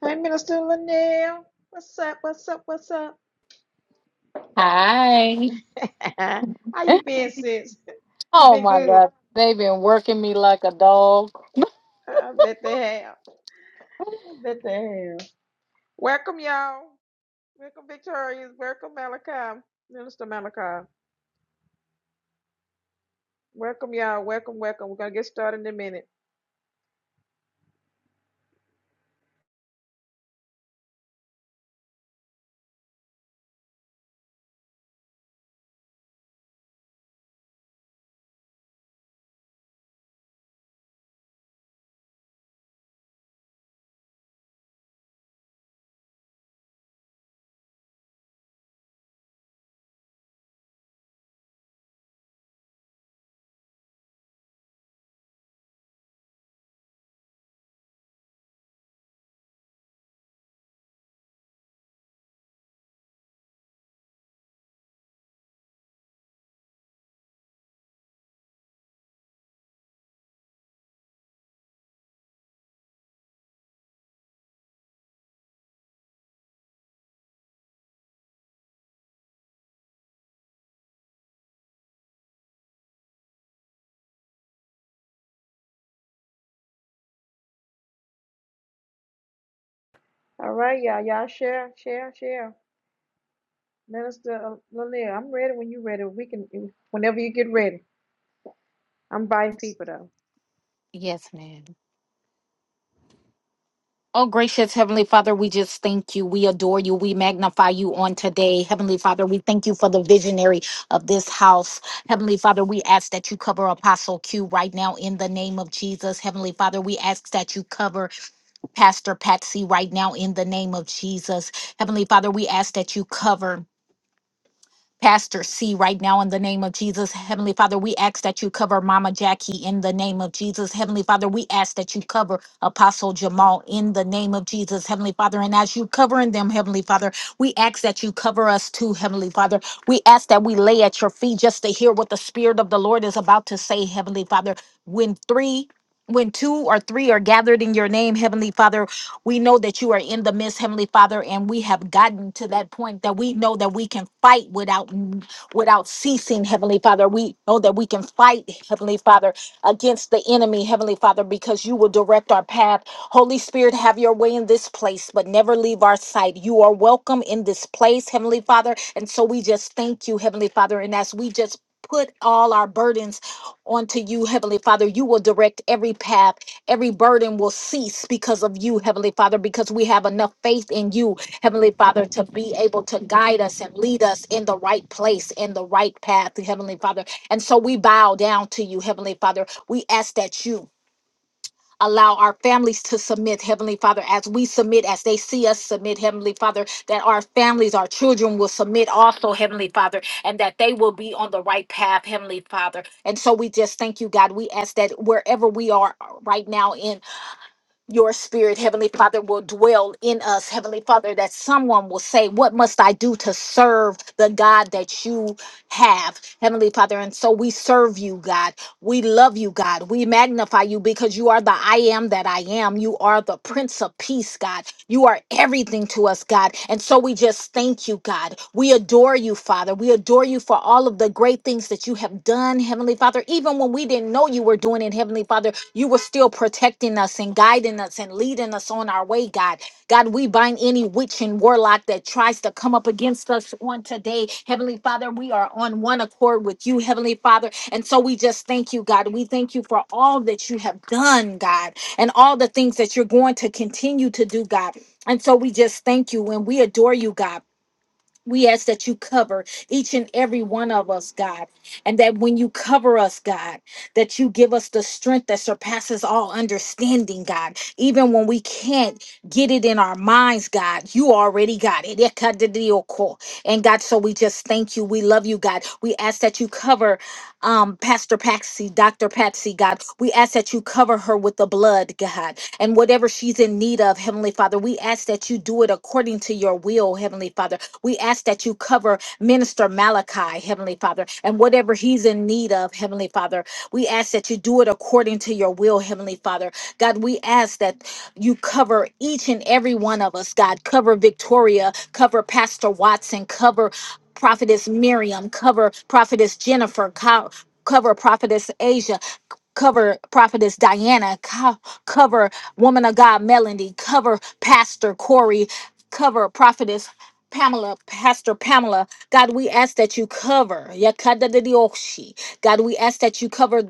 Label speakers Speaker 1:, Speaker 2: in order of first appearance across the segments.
Speaker 1: Hey, Minister Linnell. What's up? What's up? What's up?
Speaker 2: Hi.
Speaker 1: How you been, sis? You
Speaker 2: Oh
Speaker 1: been
Speaker 2: my
Speaker 1: good?
Speaker 2: God. They've been working me like a dog.
Speaker 1: I bet they have. I bet they have. Welcome, y'all. Welcome, Victorious. Welcome, Malachi. Minister Malachi. Welcome, y'all. Welcome, welcome. We're going to get started in a minute. All right, y'all. Y'all share, share, share. Minister uh, Linnell, I'm ready when you're ready. We can, whenever you get ready. I'm inviting people, though.
Speaker 2: Yes, ma'am. Oh, gracious Heavenly Father, we just thank you. We adore you. We magnify you on today. Heavenly Father, we thank you for the visionary of this house. Heavenly Father, we ask that you cover Apostle Q right now in the name of Jesus. Heavenly Father, we ask that you cover Pastor Patsy right now in the name of Jesus. Heavenly Father, we ask that you cover. Pastor C right now in the name of Jesus. Heavenly Father, we ask that you cover Mama Jackie in the name of Jesus. Heavenly Father, we ask that you cover Apostle Jamal in the name of Jesus. Heavenly Father, and as you covering them, Heavenly Father, we ask that you cover us too, Heavenly Father. We ask that we lay at your feet just to hear what the Spirit of the Lord is about to say, Heavenly Father. When three when two or three are gathered in your name, Heavenly Father, we know that you are in the midst, Heavenly Father, and we have gotten to that point that we know that we can fight without without ceasing, Heavenly Father. We know that we can fight, Heavenly Father, against the enemy, Heavenly Father, because you will direct our path. Holy Spirit, have your way in this place, but never leave our sight. You are welcome in this place, Heavenly Father. And so we just thank you, Heavenly Father. And as we just put all our burdens onto you, Heavenly Father, you will direct every path Every burden will cease because of you, Heavenly Father, because we have enough faith in you, Heavenly Father, to be able to guide us and lead us in the right place, in the right path, Heavenly Father. And so we bow down to you, Heavenly Father. We ask that you allow our families to submit, Heavenly Father, as we submit, as they see us submit, Heavenly Father, that our families, our children will submit also, Heavenly Father, and that they will be on the right path, Heavenly Father. And so we just thank you, God. We ask that wherever we are right now in your spirit, Heavenly Father, will dwell in us, Heavenly Father, that someone will say, What must I do to serve the God that you have, Heavenly Father? And so we serve you, God. We love you, God. We magnify you because you are the I am that I am. You are the Prince of Peace, God. You are everything to us, God. And so we just thank you, God. We adore you, Father. We adore you for all of the great things that you have done, Heavenly Father, even when we didn't know you were doing it, Heavenly Father you were still protecting us and guiding us and leading us on our way, God. God, we bind any witch and warlock that tries to come up against us on today. Heavenly Father, we are on one accord with you, Heavenly Father. And so we just thank you, God. We thank you for all that you have done, God, and all the things that you're going to continue to do, God. And so we just thank you and we adore you, God. We ask that you cover each and every one of us, God, and that when you cover us, God, that you give us the strength that surpasses all understanding, God. Even when we can't get it in our minds, God, you already got it. Ekadidiyoko. And God, so we just thank you. We love you, God. We ask that you cover um, Pastor Patsy, Dr. Patsy, God. We ask that you cover her with the blood, God and whatever she's in need of, Heavenly Father, we ask that you do it according to your will, Heavenly Father. We ask that you cover Minister Malachi, Heavenly Father, and whatever he's in need of, Heavenly Father. We ask that you do it according to your will, Heavenly Father. God, we ask that you cover each and every one of us, God. Cover Victoria, cover Pastor Watson, cover Prophetess Miriam, cover Prophetess Jennifer, co- cover Prophetess Asia, cover Prophetess Diana, co- cover Woman of God, Melody, cover Pastor Corey, cover Prophetess Pamela, Pastor Pamela, God, we ask that you cover. Yakadadidioshi. God, we ask that you cover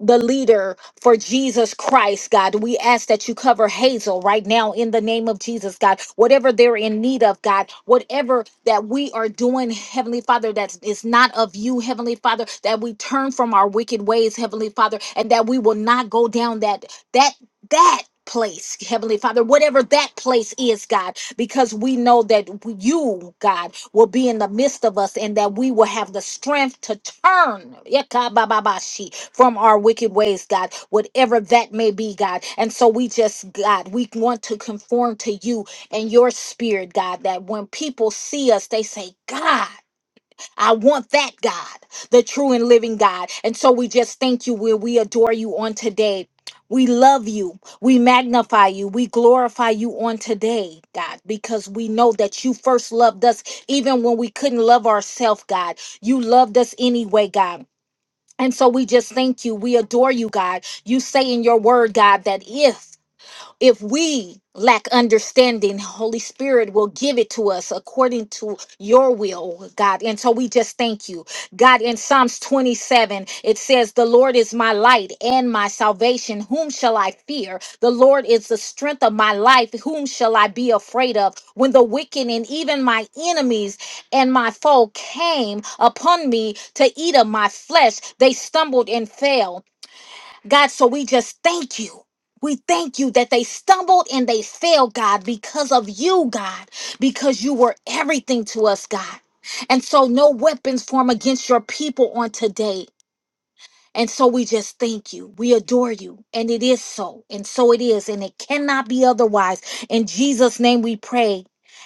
Speaker 2: the leader for Jesus Christ, God. We ask that you cover Hazel right now in the name of Jesus, God. Whatever they're in need of, God, whatever that we are doing, Heavenly Father, that is not of you, Heavenly Father, that we turn from our wicked ways, Heavenly Father, and that we will not go down that, that, that. Place, Heavenly Father, whatever that place is, God, because we know that you, God, will be in the midst of us and that we will have the strength to turn. Yekabababashi, from our wicked ways, God, whatever that may be, God. And so we just, God, we want to conform to you and your spirit, God, that when people see us, they say, God, I want that, God, the true and living God. And so we just thank you. We, we adore you on today. We love you. We magnify you. We glorify you on today, God, because we know that you first loved us even when we couldn't love ourselves, God. You loved us anyway, God. And so we just thank you. We adore you, God. You say in your word, God, that if if we lack understanding, Holy Spirit will give it to us according to your will, God. And so we just thank you. God, in Psalms 27, it says, The Lord is my light and my salvation. Whom shall I fear? The Lord is the strength of my life. Whom shall I be afraid of? When the wicked and even my enemies and my foe came upon me to eat of my flesh, they stumbled and fell. God, so we just thank you. We thank you that they stumbled and they failed, God, because of you, God, because you were everything to us, God. And so no weapons form against your people on today. And so we just thank you. We adore you. And it is so. And so it is. And it cannot be otherwise. In Jesus' name we pray.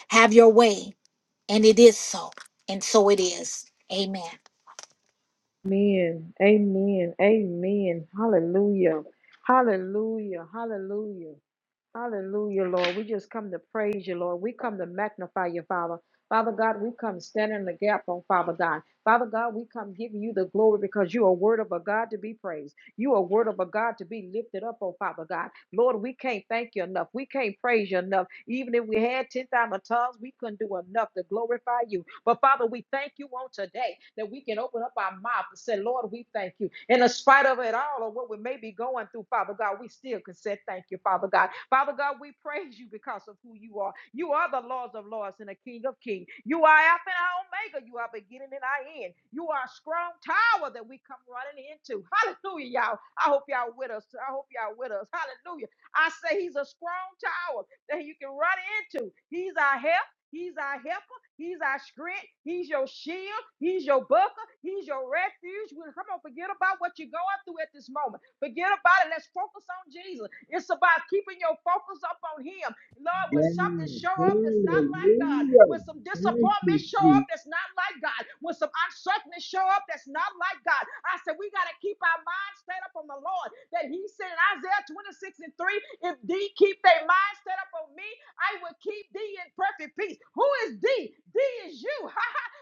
Speaker 2: Have your way. And it is so. And so it is. Amen.
Speaker 1: Amen. Amen. Amen. Hallelujah. Hallelujah. Hallelujah. Hallelujah, Lord. We just come to praise you, Lord. We come to magnify you, Father. Father God, we come standing in the gap on Father God. Father God, we come giving you the glory because you are word of a God to be praised. You are word of a God to be lifted up on Father God. Lord, we can't thank you enough. We can't praise you enough. Even if we had 10,000 tongues, we couldn't do enough to glorify you. But Father, we thank you on today that we can open up our mouth and say, Lord, we thank you. And in spite of it all or what we may be going through, Father God, we still can say thank you, Father God. Father God, we praise you because of who you are. You are the Lord of Lords and the King of Kings. You are Alpha and Omega. You are beginning and I end. You are a strong tower that we come running into. Hallelujah, y'all. I hope y'all with us. I hope y'all with us. Hallelujah. I say he's a strong tower that you can run into. He's our help. He's our help. He's our strength. He's your shield. He's your buckler. He's your refuge. Well, come on, forget about what you're going through at this moment. Forget about it. Let's focus on Jesus. It's about keeping your focus up on Him. Lord, when
Speaker 3: Yes.
Speaker 1: something show up that's not
Speaker 3: Hallelujah.
Speaker 1: like God, when some
Speaker 3: Thank
Speaker 1: disappointment
Speaker 3: you,
Speaker 1: show
Speaker 3: Jesus.
Speaker 1: up that's not like God, when some uncertainty show up that's not like God, I said we got to keep our mind set up on the Lord. That He said in Isaiah 26 and 3, if they keep their mind set up on me, I will keep thee in perfect peace. Who is thee? Thee is you.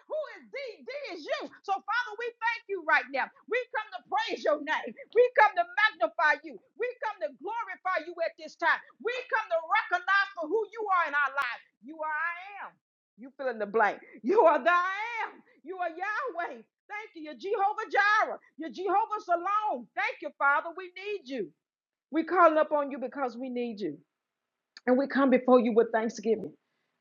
Speaker 1: Who is thee? Thee is you. So, Father, we thank you right now. We come to praise your name. We come to magnify you. We come to glorify you at this time. We come to recognize for who you are in our lives. You are I am. You fill in the blank. You are the I am. You are Yahweh. Thank you. You're Jehovah Jireh. You're Jehovah Salome. Thank you, Father. We need you. We calling up on you because we need you. And we come before you with thanksgiving.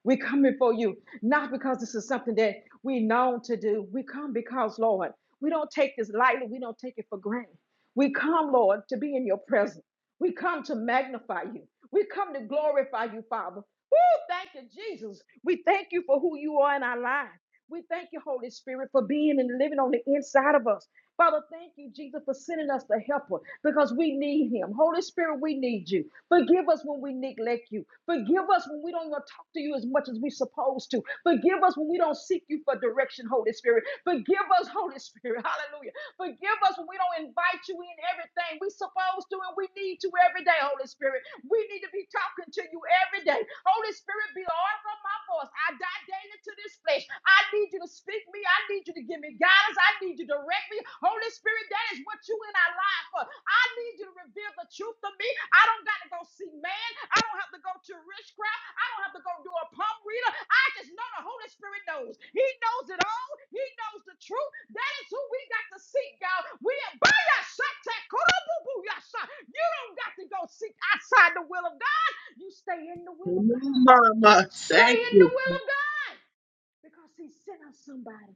Speaker 1: We come before you not because this is something that we known to do. We come because, Lord, we don't take this lightly. We don't take it for granted. We come, Lord, to be in your presence. We come to magnify you. We come to glorify you, Father. Woo, thank you, Jesus. We thank you for who you are in our lives. We thank you, Holy Spirit, for being and living on the inside of us. Father, thank you, Jesus, for sending us the helper because we need him. Holy Spirit, we need you. Forgive us when we neglect you. Forgive us when we don't want to talk to you as much as we're supposed to. Forgive us when we don't seek you for direction, Holy Spirit. Forgive us, Holy Spirit. Hallelujah. Forgive us when we don't invite you in everything. we supposed to and we need you every day, Holy Spirit. We need to be talking to you every day. Holy Spirit, be the author of my voice. I die daily to this flesh. I need you to speak me. I need you to give me guidance. I need you to direct me. Holy Spirit, that is what you in our life for. I need you to reveal the truth to me. I don't got to go see man. I don't have to go to rich crowd. I don't have to go do a palm reader. I just know the Holy Spirit knows. He knows it all. He knows the truth. That is who we got to seek, y'all. We are by your shot. You don't got to go seek outside the will of God. You stay in the will of
Speaker 3: Come on,
Speaker 1: God.
Speaker 3: Mama.
Speaker 1: Stay
Speaker 3: Thank
Speaker 1: in
Speaker 3: you.
Speaker 1: the will of God because He sent us somebody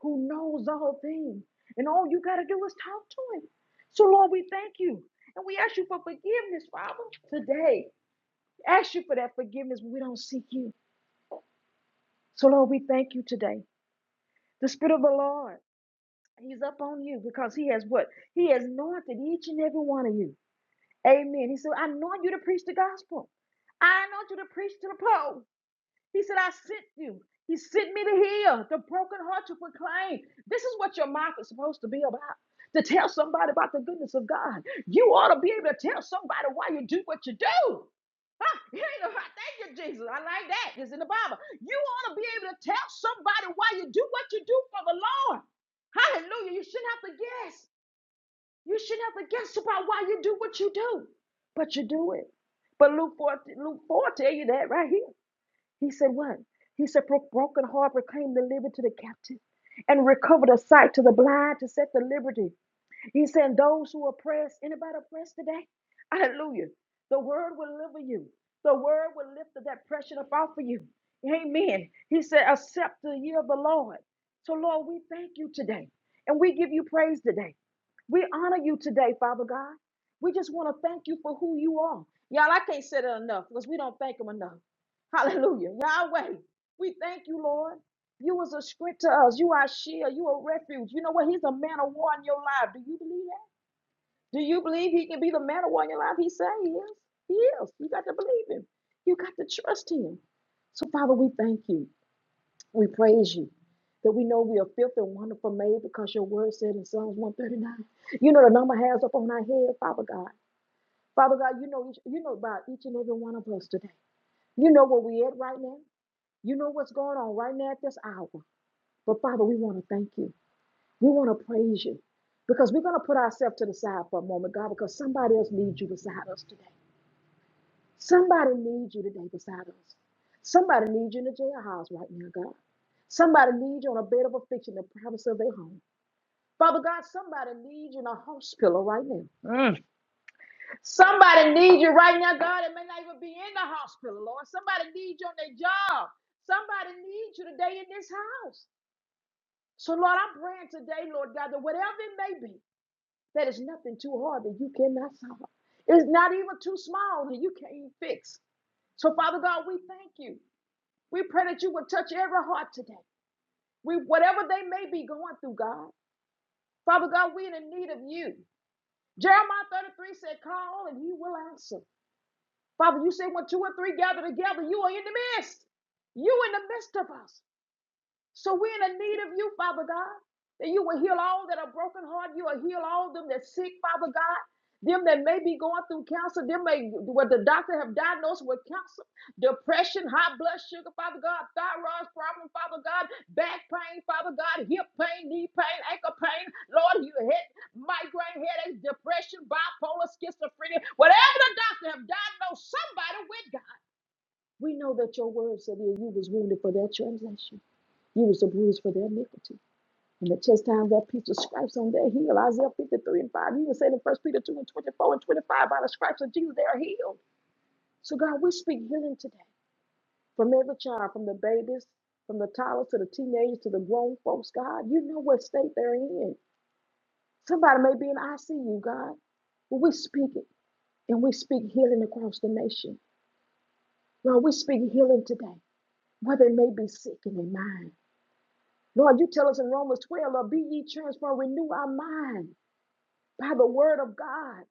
Speaker 1: who knows all things. And all you got to do is talk to Him. So, Lord, we thank you. And we ask you for forgiveness, Father, today. Ask you for that forgiveness when we don't seek you. So, Lord, we thank you today. The Spirit of the Lord, He's up on you because He has what? He has anointed each and every one of you. Amen. He said, I anoint you to preach the gospel. I anoint you to preach to the poor. He said, I sent you. He sent me to heal the broken heart to proclaim. This is what your mouth is supposed to be about. To tell somebody about the goodness of God. You ought to be able to tell somebody why you do what you do. Huh? You know, Thank you, Jesus. I like that. It's in the Bible. You ought to be able to tell somebody why you do what you do for the Lord. Hallelujah. You shouldn't have to guess. You shouldn't have to guess about why you do what you do. But you do it. But Luke 4, Luke 4 tell you that right here. He said, What? He said, "Pro- Broken heart proclaim the liberty to the captive and recover the sight to the blind to set the liberty. He said, Those who are oppressed, anybody oppressed today? Hallelujah. The word will deliver you, the word will lift the depression up off of you. Amen. He said, Accept the year of the Lord. So, Lord, we thank you today and we give you praise today. We honor you today, Father God. We just want to thank you for who you are. Y'all, I can't say that enough because we don't thank him enough. Hallelujah. Yahweh, we thank you, Lord. You was a script to us. You are a shield. You are a refuge. You know what? He's a man of war in your life. Do you believe that? Do you believe he can be the man of war in your life? He say he is. He is. You got to believe him. You got to trust him. So, Father, we thank you. We praise you that we know we are filthy and wonderful made because your word said in Psalms 139. You know the number has up on our head, Father God. Father God, you know each, you know about each and every one of us today. You know where we at right now. You know what's going on right now at this hour. But Father, we want to thank you. We want to praise you because we're going to put ourselves to the side for a moment, God, because somebody else needs you beside us today. Somebody needs you today beside us. Somebody needs you in the jailhouse right now, God. Somebody needs you on a bed of affliction, in the privacy of their home. Father God, somebody needs you in a hospital right now. Somebody needs you right now, God. It may not even be in the hospital, Lord. Somebody needs you on their job. Somebody needs you today in this house. So, Lord, I'm praying today, Lord God, that whatever it may be, that is nothing too hard that you cannot solve. It's not even too small that you can't fix. So, Father God, we thank you. We pray that you would touch every heart today. We, whatever they may be going through, God. Father God, we're in need of you. Jeremiah 33 said, Call and he will answer. Father, you say when two or three gather together, you are in the midst. You in the midst of us. So we're in a need of you, Father God, that you will heal all that are broken heart. You will heal all them that sick, Father God. Them that may be going through cancer, them may what the doctor have diagnosed with cancer, depression, high blood sugar, Father God, thyroid problem, Father God, back pain, Father God, hip pain, knee pain, ankle pain, Lord, you hit migraine, headaches, depression, bipolar, schizophrenia, whatever the doctor have diagnosed somebody with, God. We know that your word said that you was wounded for their transgression. You was bruised for their iniquity. And the chastisement of that piece of stripes on their heel. Isaiah 53 and 5. You even said in First Peter 2 and 24 and 25, by the stripes of Jesus, they are healed. So God, we speak healing today. From every child, from the babies, from the toddlers to the teenagers to the grown folks, God, you know what state they're in. Somebody may be in ICU, God. But we speak it. And we speak healing across the nation. Lord, we speak healing today, where they may be sick in their mind. Lord, you tell us in Romans 12, Lord, be ye transformed, renew our mind. by the word of God.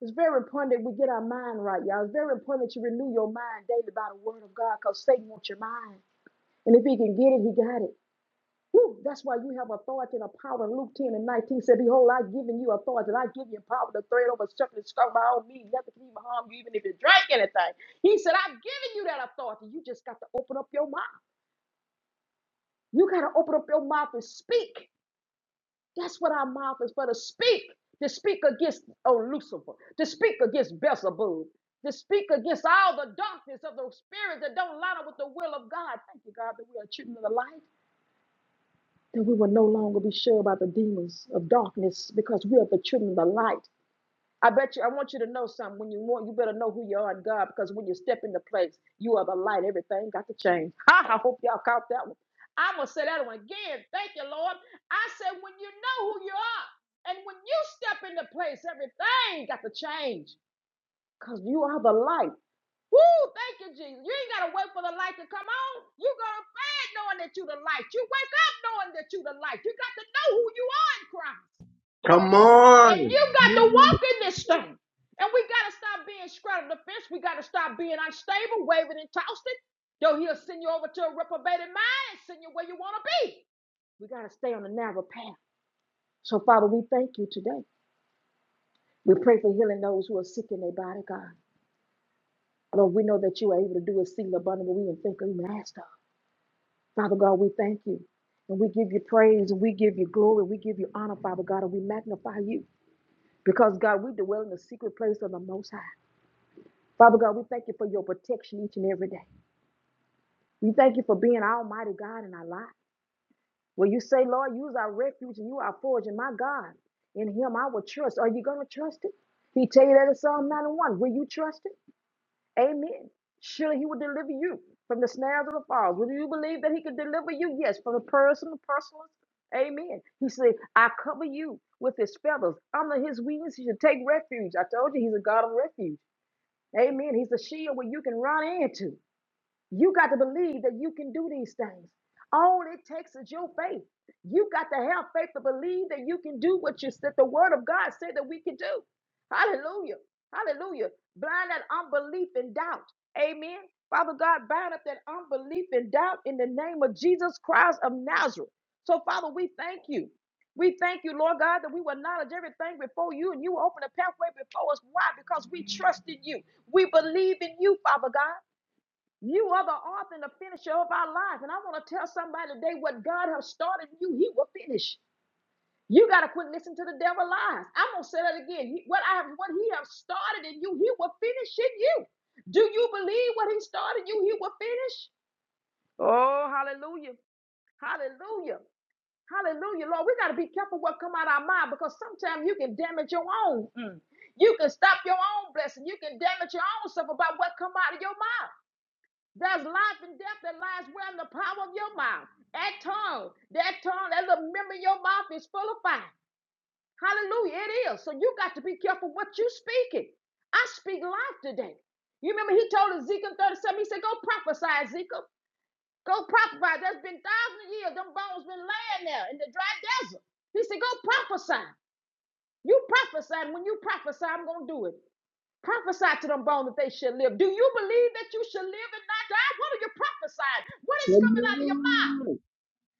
Speaker 1: It's very important that we get our mind right, y'all. It's very important that you renew your mind daily by the word of God because Satan wants your mind. And if he can get it, he got it. Woo, that's why you have authority and a power. Luke 10 and 19 said, Behold, I've given you authority. and I give you power to tread over serpent and by all means. Nothing can even harm you, even if you drink anything. He said, I've given you that authority. You just got to open up your mouth. You got to open up your mouth and speak. That's what our mouth is for to speak, to speak against oh, Lucifer, to speak against Beelzebub, to speak against all the darkness of those spirits that don't line up with the will of God. Thank you, God, that we are children of the light, that we will no longer be sure about the demons of darkness because we are the children of the light. I bet you, I want you to know something. When you want, you better know who you are in God because when you step into place, you are the light. Everything got to change. Ha, I hope y'all caught that one. I'm going to say that one again. Thank you, Lord. I said, when you know who you are and when you step into place, everything got to change because you are the light. Woo, thank you, Jesus. You ain't got to wait for the light to come on. You go to bed knowing that you the light. You wake up knowing that you the light. You got to know who you are in Christ.
Speaker 3: Come
Speaker 1: And you
Speaker 3: on.
Speaker 1: and you got to
Speaker 3: Honey,
Speaker 1: walk in this thing. And we gotta stop being straddled the fence. We gotta stop being unstable, waving and tossing. Though he'll send you over to a reprobated mind, and send you where you wanna be. We gotta stay on the narrow path. So, Father, we thank you today. We pray for healing those who are sick in their body, God. Lord, we know that you are able to do exceeding abundantly. We didn't think of even asked of. Father God, we thank you. And we give you praise and we give you glory. We give you honor, Father God, and we magnify you. Because God, we dwell in the secret place of the Most High. Father God, we thank you for your protection each and every day. We thank you for being Almighty God in our lives. Where you say, Lord, use our refuge and you are our forge and my God. In him I will trust. Are you going to trust him? He tell you that in Psalm 91. Will you trust him? Amen. Surely he will deliver you from the snares of the falls. Will you believe that he can deliver you? Yes, from the personal, personal. Amen. He said, I cover you with his feathers. Under his wings, you should take refuge. I told you he's a God of refuge. Amen. He's a shield where you can run into. You got to believe that you can do these things. All it takes is your faith. You got to have faith to believe that you can do what you said the word of God said that we can do. Hallelujah. Hallelujah. Blind that unbelief and doubt. Amen. Father God, bind up that unbelief and doubt in the name of Jesus Christ of Nazareth. So, Father, we thank you. We thank you, Lord God, that we will acknowledge everything before you and you will open a pathway before us. Why? Because we trust in you. We believe in you, Father God. You are the author and the finisher of our lives, And I want to tell somebody today what God has started in you, He will finish. You got to quit listening to the devil lies. I'm going to say that again. What I have, what He has started in you, He will finish in you. Do you believe what He started in you, He will finish? Oh, hallelujah. Hallelujah. Hallelujah. Lord, we got to be careful what come out of our mind because sometimes you can damage your own. mm. You can stop your own blessing. You can damage your own stuff about what come out of your mouth. There's life and death that lies where in the power of your mouth. That tongue, that tongue, that little member in your mouth is full of fire. Hallelujah, it is. So you got to be careful what you speaking. I speak life today. You remember he told Ezekiel 37, he said, go prophesy, Ezekiel. Go prophesy. There's been thousands of years. Them bones been laying there in the dry desert. He said, go prophesy. You prophesy. and When you prophesy, I'm going to do it. Prophesy to them bones that they shall live. Do you believe that you shall live and not die? What are you prophesying? What is
Speaker 3: Come
Speaker 1: coming out of your mouth?
Speaker 3: on.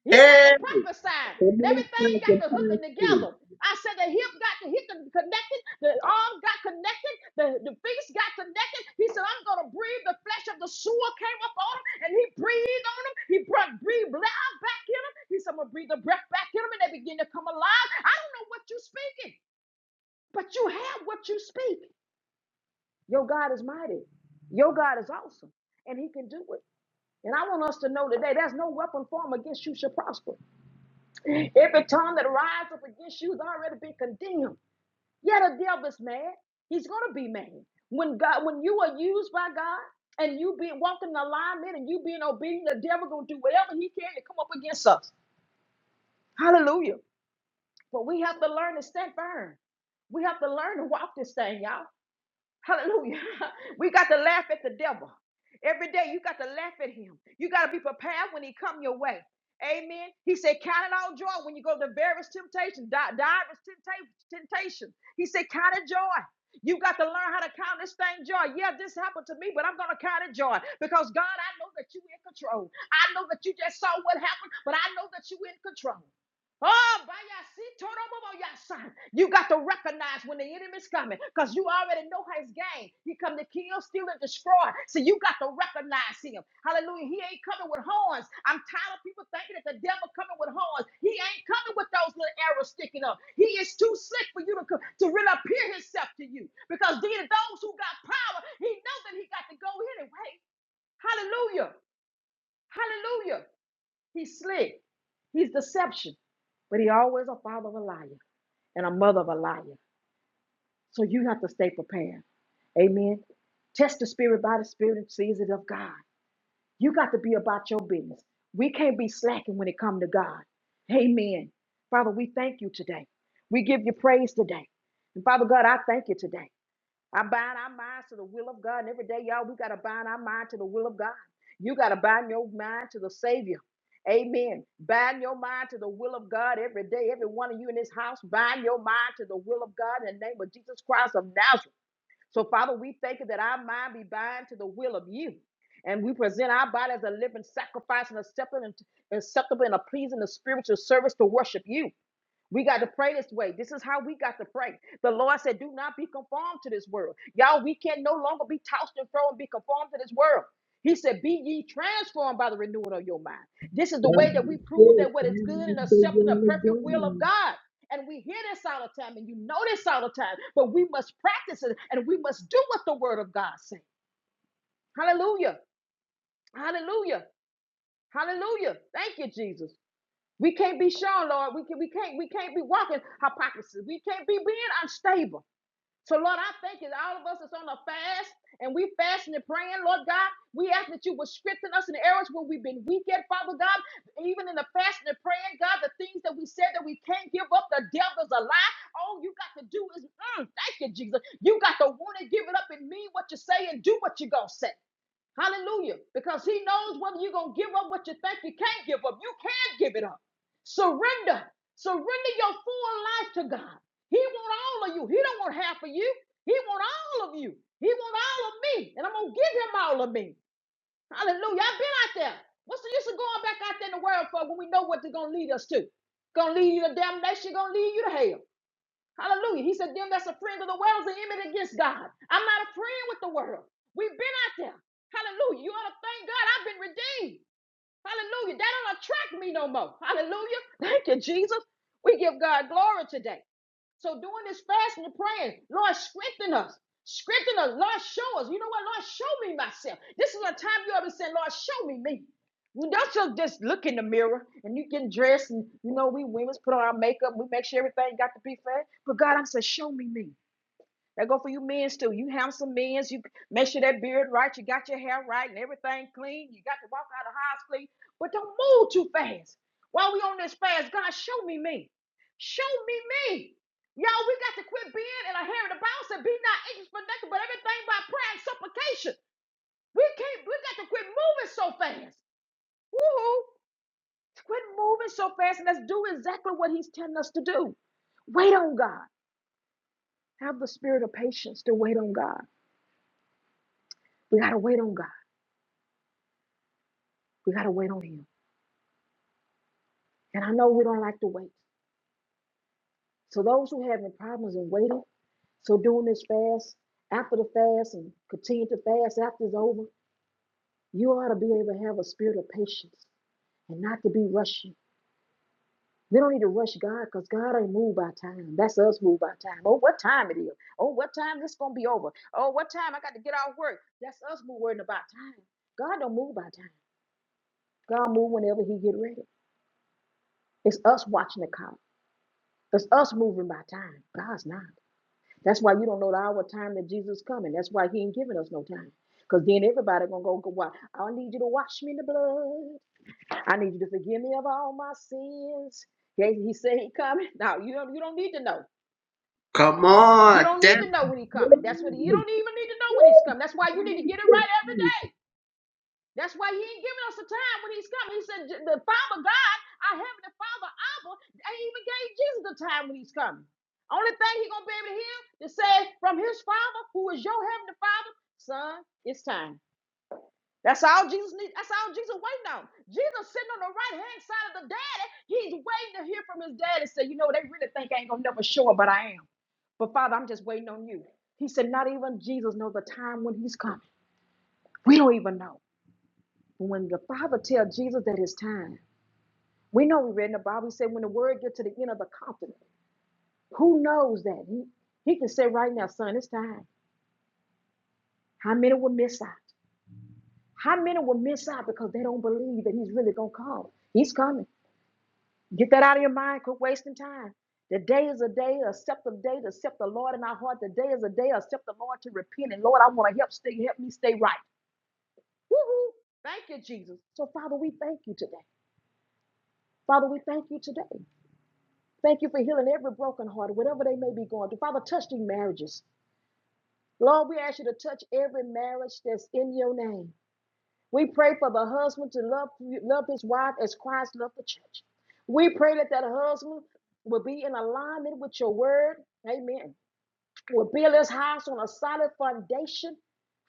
Speaker 1: He got
Speaker 3: Hey.
Speaker 1: to prophesy,
Speaker 3: Come
Speaker 1: and
Speaker 3: on,
Speaker 1: everything got
Speaker 3: Pastor
Speaker 1: to hooking
Speaker 3: Pastor.
Speaker 1: together. I said the hip got to hip connected, the arm got connected, the, the face got connected. He said, I'm gonna breathe. The flesh of the sewer came up on him, and he breathed on him. He brought breathed life back in him. He said, I'm gonna breathe the breath back in him, and they begin to come alive. I don't know what you're speaking, but you have what you speak. Your God is mighty. Your God is awesome. And he can do it. And I want us to know today there's no weapon formed against you shall prosper. Every tongue that rises up against you has already been condemned. Yet the devil is mad. He's gonna be mad. When God, when you are used by God and you being walking in alignment and you being obedient, the devil gonna do whatever he can to come up against us. Hallelujah. But we have to learn to stand firm. We have to learn to walk this thing, y'all. Hallelujah. We got to laugh at the devil. Every day you got to laugh at him. You got to be prepared when he come your way. Amen. He said, count it all joy when you go to various temptations, di- divers tempta- temptations. He said, count it joy. You got to learn how to count this thing joy. Yeah, this happened to me, but I'm going to count it joy because God, I know that you in control. I know that you just saw what happened, but I know that you in control. Oh, by your seat, turn over by your side. You got to recognize when the enemy's coming because you already know his game. He come to kill, steal, and destroy. So you got to recognize him. Hallelujah. He ain't coming with horns. I'm tired of people thinking that the devil coming with horns. He ain't coming with those little arrows sticking up. He is too slick for you to, co- to really appear himself to you because these are those who got power. He knows that he got to go anyway. Hallelujah. Hallelujah. He's slick. He's deception. But he always a father of a liar and a mother of a liar. So you have to stay prepared. Amen. Test the spirit by the spirit and seize it of God. You got to be about your business. We can't be slacking when it comes to God. Amen. Father, we thank you today. We give you praise today. And Father God, I thank you today. I bind our minds to the will of God. And every day, y'all, we got to bind our mind to the will of God. You got to bind your mind to the Savior. Amen. Bind your mind to the will of God every day. Every one of you in this house, bind your mind to the will of God in the name of Jesus Christ of Nazareth. So, Father, we thank you that our mind be bind to the will of you. And we present our body as a living sacrifice and acceptable and acceptable and a pleasing and spiritual service to worship you. We got to pray this way. This is how we got to pray. The Lord said, Do not be conformed to this world. Y'all, we can no longer be tossed and thrown and be conformed to this world. He said, Be ye transformed by the renewing of your mind. This is the
Speaker 3: That's
Speaker 1: way that we prove
Speaker 3: it.
Speaker 1: that what is good and
Speaker 3: That's the
Speaker 1: accepting the
Speaker 3: word of
Speaker 1: perfect will of
Speaker 3: God.
Speaker 1: God. And we hear this all the time, and you know this all the time, but we must practice it and we must do what the word of God says. Hallelujah. Hallelujah. Hallelujah. Thank you, Jesus. We can't be shown, Lord. We can we can't we can't be walking hypocrisy. We can't be being unstable. So Lord, I thank you that all of us is on a fast and we fasting and praying, Lord God. We ask that you would strengthen us in the areas where we've been weak at, Father God. Even in the fasting and praying, God, the things that we said that we can't give up, the devil's a lie. All you got to do is mm, thank you, Jesus. You got to want to give it up and mean what you say and do what you're gonna say. Hallelujah. Because he knows whether you're going to give up what you think you can't give up. You can give it up. Surrender. Surrender your full life to God. He wants all of you. He don't want half of you. He wants all of you. He wants all of me. And I'm going to give him all of me. Hallelujah. I've been out there. What's the use of going back out there in the world for when we know what they're going to lead us to? Going to lead you to damnation, going to lead you to hell. Hallelujah. He said, Them that's a friend of the world is an enemy against God. I'm not a friend with the world. We've been out there. Hallelujah. You ought to thank God I've been redeemed. Hallelujah. That don't attract me no more. Hallelujah. Thank you, Jesus. We give God glory today. So doing this fasting and praying, Lord, strengthen us. Strengthen us. Lord, show us. You know what? Lord, show me myself. This is a time you ought to say, Lord, show me me. You don't just just look in the mirror and you get dressed and you know we women's put on our makeup, we make sure everything got to be fair. But God, I'm saying, show me me. That go for you men, too. You have some men's. You make sure that beard right. You got your hair right and everything clean. You got to walk out of the house clean. But don't move too fast. While we on this fast, God, show me me. Show me me. Y'all, we got to quit being in a hurry to bounce and be not anxious for nothing but everything by prayer and supplication. We can't. We got to quit moving so fast. Woo! Quit moving so fast and let's do exactly what He's telling us to do. Wait on God. Have the spirit of patience to wait on God. We gotta wait on God. We got to wait on Him. And I know we don't like to wait. So those who are having problems in waiting, so doing this fast, after the fast and continue to fast after it's over, you ought to be able to have a spirit of patience and not to be rushing. We don't need to rush God because God ain't moved by time. That's us moved by time. Oh, what time it is. Oh, what time this gonna be over. Oh, what time I got to get out of work. That's us moving worrying about time. God don't move by time. God move whenever he get ready. It's us watching the clock. It's us moving by time. God's not. That's why you don't know the hour time that Jesus coming. That's why he ain't giving us no time. Because then everybody gonna go, go why? I need you to wash me in the blood. I need you to forgive me of all my sins. Okay, he said he coming. Now you don't you don't need to know.
Speaker 3: Come on.
Speaker 1: You don't need
Speaker 3: That's
Speaker 1: to know when he coming. That's what he, you
Speaker 3: it.
Speaker 1: don't even need to know when he's coming. That's why you need
Speaker 3: Thank
Speaker 1: to get it
Speaker 3: you,
Speaker 1: right
Speaker 3: Jesus.
Speaker 1: every day. That's why he ain't giving us a time when he's coming. He said, the Father God, our Heavenly Father, Abba, they even gave Jesus the time when he's coming. Only thing he going to be able to hear is say from his Father, who is your Heavenly Father, son, it's time. That's all Jesus needs. That's all Jesus waiting on. Jesus sitting on the right hand side of the daddy. He's waiting to hear from his daddy. Say, you know, they really think I ain't going to never show up, but I am. But Father, I'm just waiting on you. He said, not even Jesus knows the time when he's coming. We don't even know. When the Father tells Jesus that it's time, we know we read in the Bible, he said, when the word gets to the end of the continent, who knows that? He, he can say right now, son, it's time. How many will miss out? How many will miss out because they don't believe that he's really going to come? He's coming. Get that out of your mind. Quit wasting time. The day is a day, accept the day to accept the Lord in our heart. The day is a day, accept the Lord to repent. And Lord, I want to help stay, help me stay right. Woo-hoo. Thank you, Jesus. So, Father, we thank you today. Father, we thank you today. Thank you for healing every broken heart, whatever they may be going through. Father, touch these marriages. Lord, we ask you to touch every marriage that's in your name. We pray for the husband to love love his wife as Christ loved the church. We pray that that husband will be in alignment with your word. Amen will build his house on a solid foundation.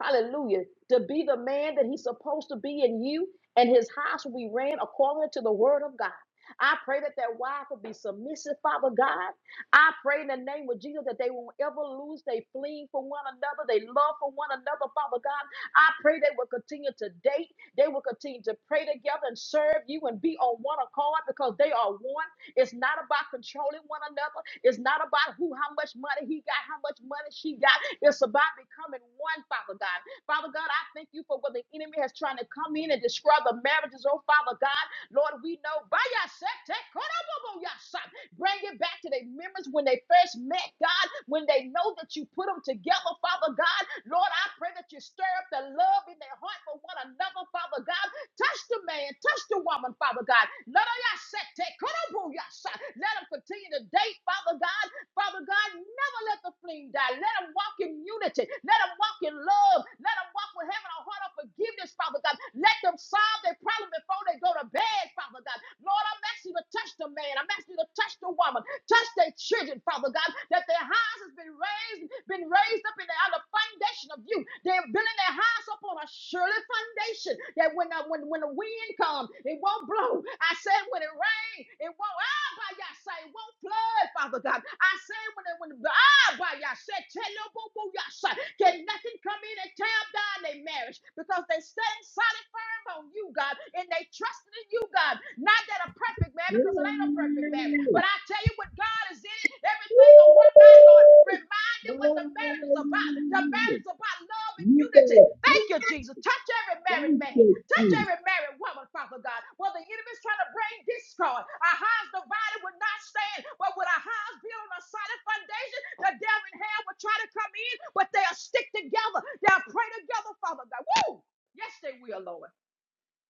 Speaker 1: Hallelujah. To be the man that he's supposed to be in you, and his house will be ran according to the word of God. I pray that that wife will be submissive, Father God. I pray in the name of Jesus that they won't ever lose. They flee for one another. They love for one another, Father God. I pray they will continue to date. They will continue to pray together and serve you and be on one accord because they are one. It's not about controlling one another. It's not about who, how much money he got, how much money she got. It's about becoming one, Father God. Father God, I thank you for what the enemy has trying to come in and destroy the marriages, oh Father God. Lord, we know by your yourself, take bring it back to their memories when they first met God, when they know that you put them together, Father God. Lord, I pray that you stir up the love in their heart for one another, Father God. Touch the man, touch the woman, Father God. Let her ya set te- korobu ya sa- Let them continue to date, Father God. Father God, never let the flame die. Let them walk in unity. Let them walk in love. Let them walk with having a heart of forgiveness, Father God. Let them solve their problem before they go to bed, Father God. Lord, I'm asking you to touch the man. I'm asking you to touch the woman. Touch their children, Father God, that their house has been raised, been raised up in the, on the foundation of you. They're building their house up on a surely foundation that when the, when, when the wind comes, it won't blow. I said when it rains, it won't, ah, by y'all say, it won't flood, Father God. I said when it, when, ah, by y'all said, tell your boo boo, y'all say, can nothing come in and tear down their marriage because they stand solid firm relying on you, God, and they trusting in you, God. Not that a perfect
Speaker 3: Hey.
Speaker 1: marriage, because it ain't a perfect marriage. But I tell you, what God is in it, everything will work out, Lord. Remind them what the
Speaker 3: Woo.
Speaker 1: marriage is about. The
Speaker 3: Hallelujah.
Speaker 1: marriage is about love and
Speaker 3: You
Speaker 1: unity.
Speaker 3: better
Speaker 1: Thank you, Jesus. Touch every married
Speaker 3: thank
Speaker 1: man.
Speaker 3: you,
Speaker 1: Touch
Speaker 3: Jesus.
Speaker 1: every married woman, Father God. While the enemy's trying to bring discord, our house divided would not stand. But with our house built on a solid foundation, the devil and hell will try to come in, but they'll stick together. They'll pray together, Father God. Woo! Yes, they will, Lord.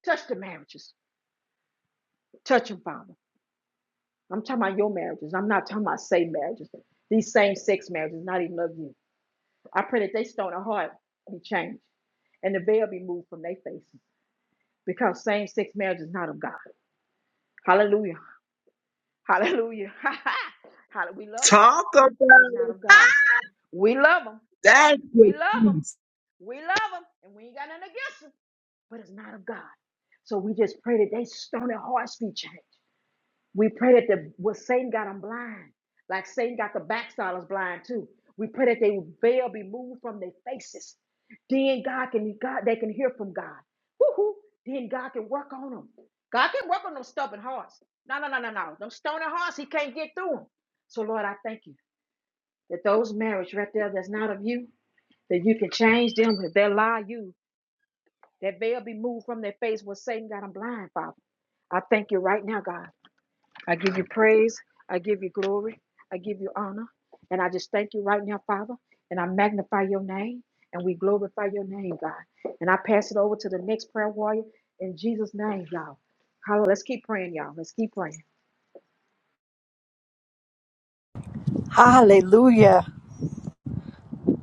Speaker 1: Touch the marriages. Touch them, Father. I'm talking about your marriages. I'm not talking about same marriages. These same sex marriages, not even of you. I pray that they stone of heart be changed and the veil be moved from their faces because same sex marriage is not of God. Hallelujah. Hallelujah. Hallelujah. We love them,
Speaker 3: Talk about
Speaker 1: but it's not
Speaker 3: it.
Speaker 1: of God. We love them.
Speaker 3: That's
Speaker 1: We
Speaker 3: the
Speaker 1: love them.
Speaker 3: peace.
Speaker 1: We love them. And we ain't got nothing against them, but it's not of God. So we just pray that they stone of hearts be changed We pray that the what Satan got them blind, like Satan got the backsliders blind too. We pray that they veil be moved from their faces. Then God can God they can hear from God. Woo-hoo. Then God can work on them. God can work on them stubborn hearts. No, no, no, no, no. Them stony hearts, He can't get through them. So Lord, I thank you that those marriages right there that's not of you, that you can change them if they lie you. That veil be moved from their face where Satan got them blind, Father. I thank you right now, God. I give you praise. I give you glory. I give you honor. And I just thank you right now, Father. And I magnify your name and we glorify your name, God. And I pass it over to the next prayer warrior in Jesus' name, y'all. Hallelujah. Let's keep praying, y'all. Let's keep praying.
Speaker 4: Hallelujah.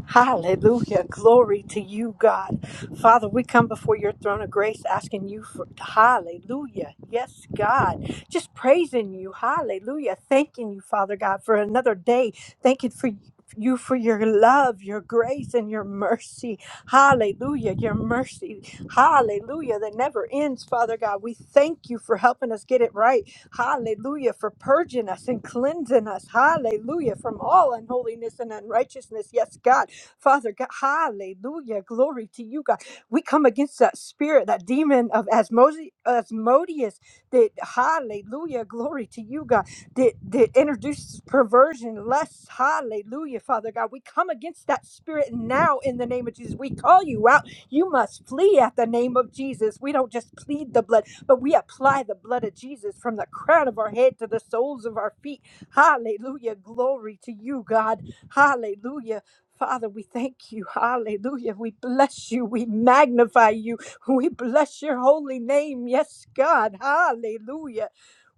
Speaker 4: Hallelujah. Glory to you, God. Father, we come before your throne of grace asking you for hallelujah. Yes, God. Just praising you. Hallelujah. Thanking you, Father God, for another day. Thank you for you for your love, your grace, and your mercy. Hallelujah. Your mercy. Hallelujah. That never ends, Father God. We thank you for helping us get it right. Hallelujah. For purging us and cleansing us. Hallelujah. From all unholiness and unrighteousness. Yes, God. Father God, hallelujah. Glory to you, God. We come against that spirit, that demon of Asmosi- Asmodeus, that hallelujah. Glory to you, God, that, that introduces perversion, lust. Hallelujah, Father God. We come against that spirit now in the name of Jesus. We call you out. You must flee at the name of Jesus. We don't just plead the blood, but we apply the blood of Jesus from the crown of our head to the soles of our feet. Hallelujah. Glory to you, God. Hallelujah. Father, we thank you. Hallelujah. We bless you. We magnify you. We bless your holy name. Yes, God. Hallelujah.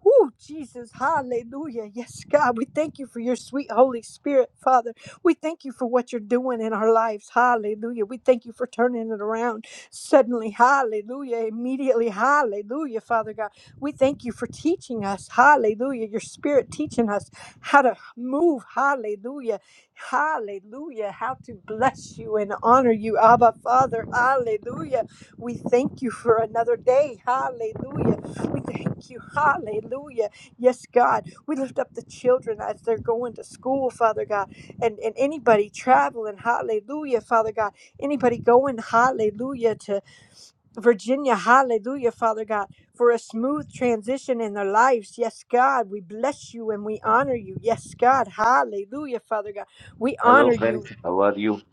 Speaker 4: Woo, Jesus, hallelujah. Yes, God, we thank you for your sweet Holy Spirit, Father. We thank you for what you're doing in our lives. Hallelujah. We thank you for turning it around suddenly. Hallelujah. Immediately. Hallelujah, Father God. We thank you for teaching us. Hallelujah. Your spirit teaching us how to move. Hallelujah Hallelujah. How to bless you and honor you, Abba Father. Hallelujah. We thank you for another day. Hallelujah. We thank you. Hallelujah. Yes, God. We lift up the children as they're going to school, Father God, and, and anybody traveling. Hallelujah, Father God. Anybody going, hallelujah, to. Virginia, hallelujah, Father God, for a smooth transition in their lives. Yes, God, we bless you and we honor you. Yes, God, hallelujah, Father God. We
Speaker 5: Hello
Speaker 4: honor you.
Speaker 5: friends, how are you?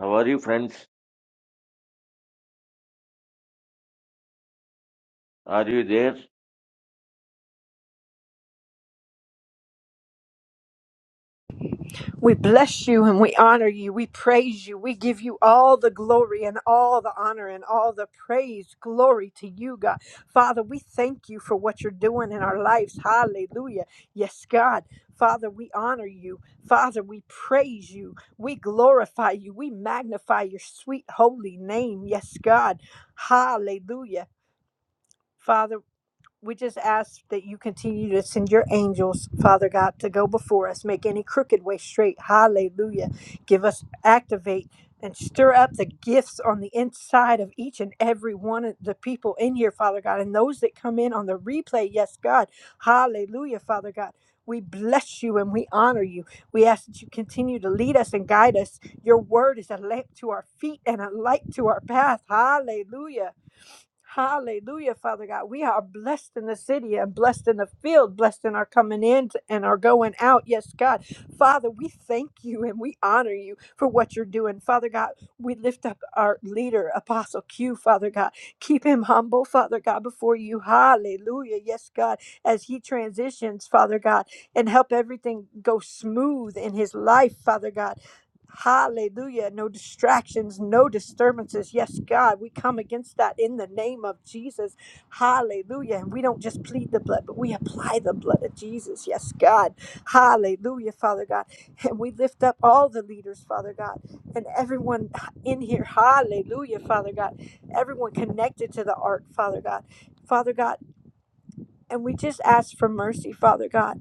Speaker 5: How are you friends? Are you there?
Speaker 4: We bless you and we honor you. We praise you. We give you all the glory and all the honor and all the praise. Glory to you, God. Father, we thank you for what you're doing in our lives. Hallelujah. Yes, God. Father, we honor you. Father, we praise you. We glorify you. We magnify your sweet holy name. Yes, God. Hallelujah. Father, we just ask that you continue to send your angels, Father God, to go before us, make any crooked way straight. Hallelujah. Give us, activate, and stir up the gifts on the inside of each and every one of the people in here, Father God, and those that come in on the replay. Yes, God. Hallelujah, Father God. We bless you and we honor you. We ask that you continue to lead us and guide us. Your word is a lamp to our feet and a light to our path. Hallelujah. Hallelujah, Father God. We are blessed in the city and blessed in the field, blessed in our coming in and our going out. Yes, God. Father, we thank you and we honor you for what you're doing. Father God, we lift up our leader, Apostle Q, Father God. Keep him humble, Father God, before you. Hallelujah. Yes, God. As he transitions, Father God, and help everything go smooth in his life, Father God. Hallelujah. No distractions, no disturbances. Yes, God, we come against that in the name of Jesus. Hallelujah. And we don't just plead the blood, but we apply the blood of Jesus. Yes, God. Hallelujah, Father God. And we lift up all the leaders, Father God, and everyone in here. Hallelujah, Father God. Everyone connected to the ark, Father God. Father God. And we just ask for mercy, Father God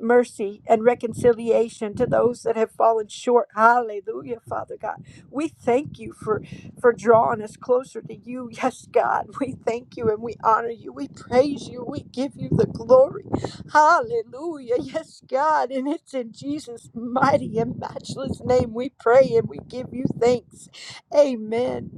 Speaker 4: mercy and reconciliation to those that have fallen short hallelujah father god we thank you for for drawing us closer to you yes god we thank you and we honor you we praise you we give you the glory hallelujah yes god and it's in jesus mighty and matchless name we pray and we give you thanks amen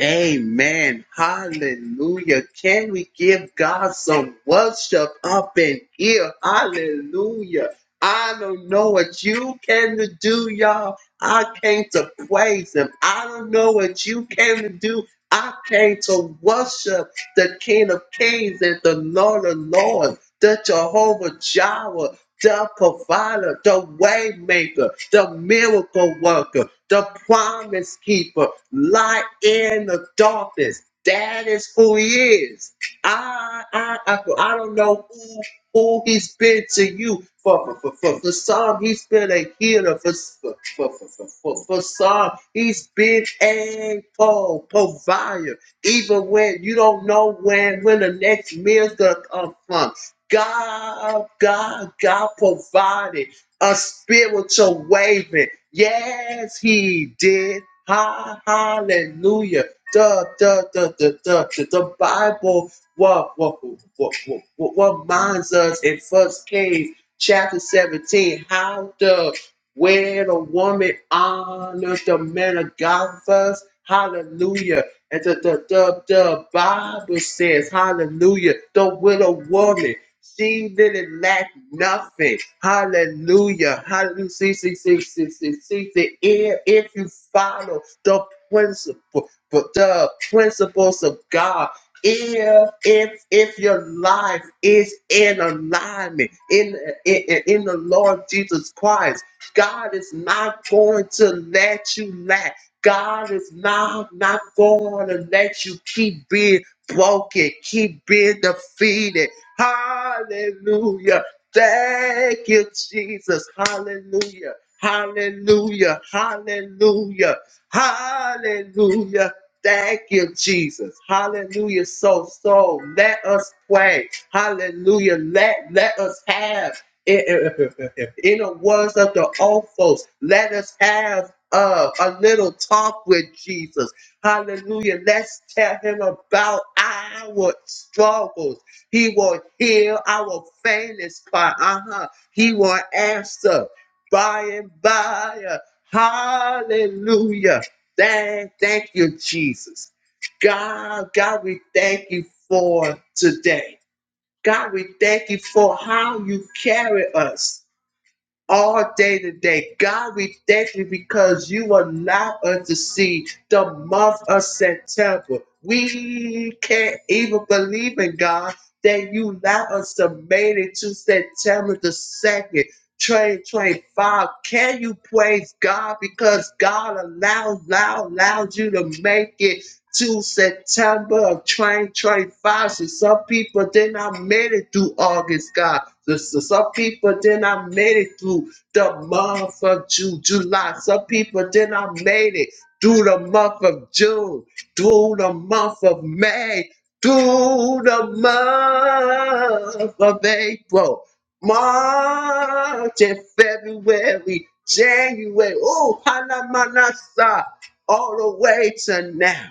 Speaker 3: Amen. Hallelujah. Can we give God some worship up in here? Hallelujah. I don't know what you came to do, y'all. I came to praise Him. I don't know what you came to do. I came to worship the King of Kings and the Lord of Lords. the Jehovah Jireh, the provider, the waymaker, the miracle worker, the promise keeper, light in the darkness. That is who he is. I, I, I, I don't know who, who he's been to you. For, for, for, for, some, he's been a healer. For, for, for, for, for, for, some, he's been a pro- provider. Even when you don't know when, when the next meal's going to come from. God, God, God provided a spiritual waving. Yes, he did ha, hallelujah. The, the, the, the, the, the Bible what, what, what, what, what what reminds us in First Kings chapter 17 how the where the woman honors the man of God first. Hallelujah. And the, the, the, the Bible says, hallelujah, the widow woman. She didn't lack nothing. Hallelujah. Hallelujah. See, see, see, see, see, see, see. If, if you follow the principle, but the principles of God, if if if your life is in alignment in, in in the Lord Jesus Christ, God is not going to let you lack. God is not, not going to let you keep being broken, keep being defeated. Hallelujah. Thank you, Jesus. Hallelujah. Hallelujah. Hallelujah. Hallelujah. Thank you, Jesus. Hallelujah. So, so let us pray. Hallelujah. Let, let us have. If, if, if, if in the words of the old folks, let us have uh, a little talk with Jesus. Hallelujah. Let's tell him about our struggles. He will hear our faintest cry. Uh huh. He will answer by and by. Hallelujah. Thank, thank you, Jesus. God, God, we thank you for today. God, we thank you for how you carry us all day today. God, we thank you because you allow us to see the month of September. We can't even believe in God that you allow us to make it to September the 2nd. 2025. Can you praise God because God allowed, allowed, allowed you to make it till September of 2025. So some people did not made it through August, God. So, so some people did not made it through the month of June, July. Some people did not made it through the month of June, through the month of May, through the month of April, March and February, January. Oh, Hanamanasa all the way to now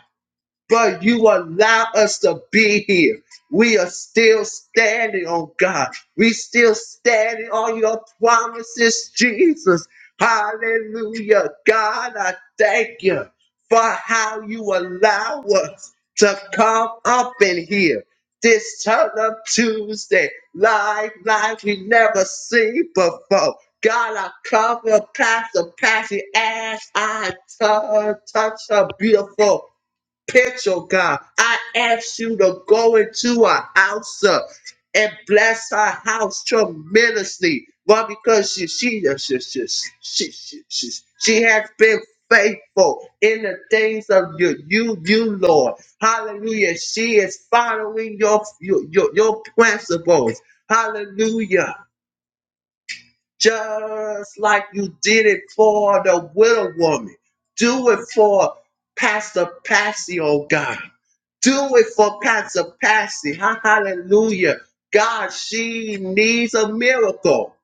Speaker 3: but you allow us to be here. We are still standing on God. We still standing on your promises, Jesus. Hallelujah. God, I thank you for how you allow us to come up in here. This turn up Tuesday, live, live, we never seen before. God, I cover Pastor Patsy as I touch, touch her beautiful pitch, oh God. I ask you to go into her house uh, and bless her house tremendously. Why? Because she she she she she she, she, she has been faithful in the things of you you you Lord. Hallelujah. She is following your your your, your principles. Hallelujah just like you did it for the widow woman. Do it for Pastor Patsy, oh God. Do it for Pastor Patsy. Ha- Hallelujah. God, she needs a miracle.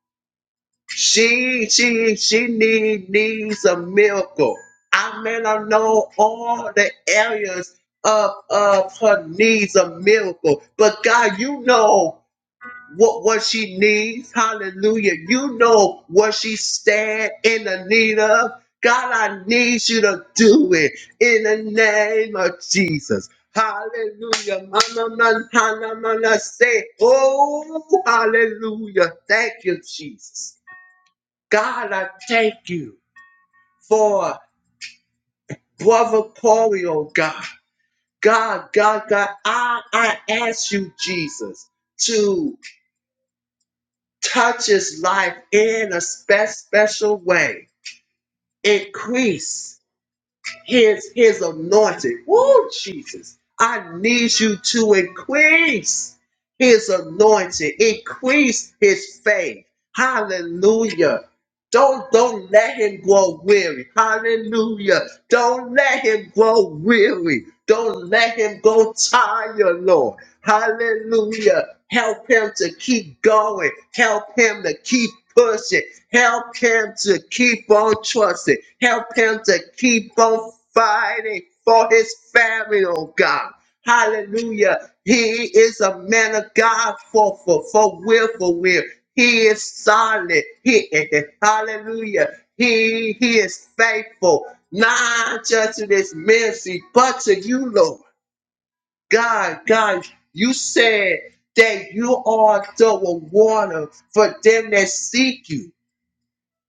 Speaker 3: She, she, she need, needs a miracle. I may not know all the areas of, of her needs a miracle, but God, you know what what she needs. Hallelujah. You know what she stand in the need of. God, I need you to do it in the name of Jesus. Hallelujah. Mama, man, hana, man, say, oh, hallelujah. Thank you, Jesus. God, I thank you for Brother Corey, oh God. God, God, God, I, I ask you, Jesus, to. touches life in a spe- special way. Increase his his anointing. Woo, Jesus. I need you to increase his anointing. Increase his faith. Hallelujah. Don't don't let him grow weary. Hallelujah. Don't let him grow weary. Don't let him go tired, Lord. Hallelujah. Help him to keep going. Help him to keep pushing. Help him to keep on trusting. Help him to keep on fighting for his family, oh God. Hallelujah. He is a man of God for for for will for will. He is solid. He hallelujah. He he is faithful, not just to this mercy, but to you, Lord. God, God, you said that you are the rewarder for them that seek you.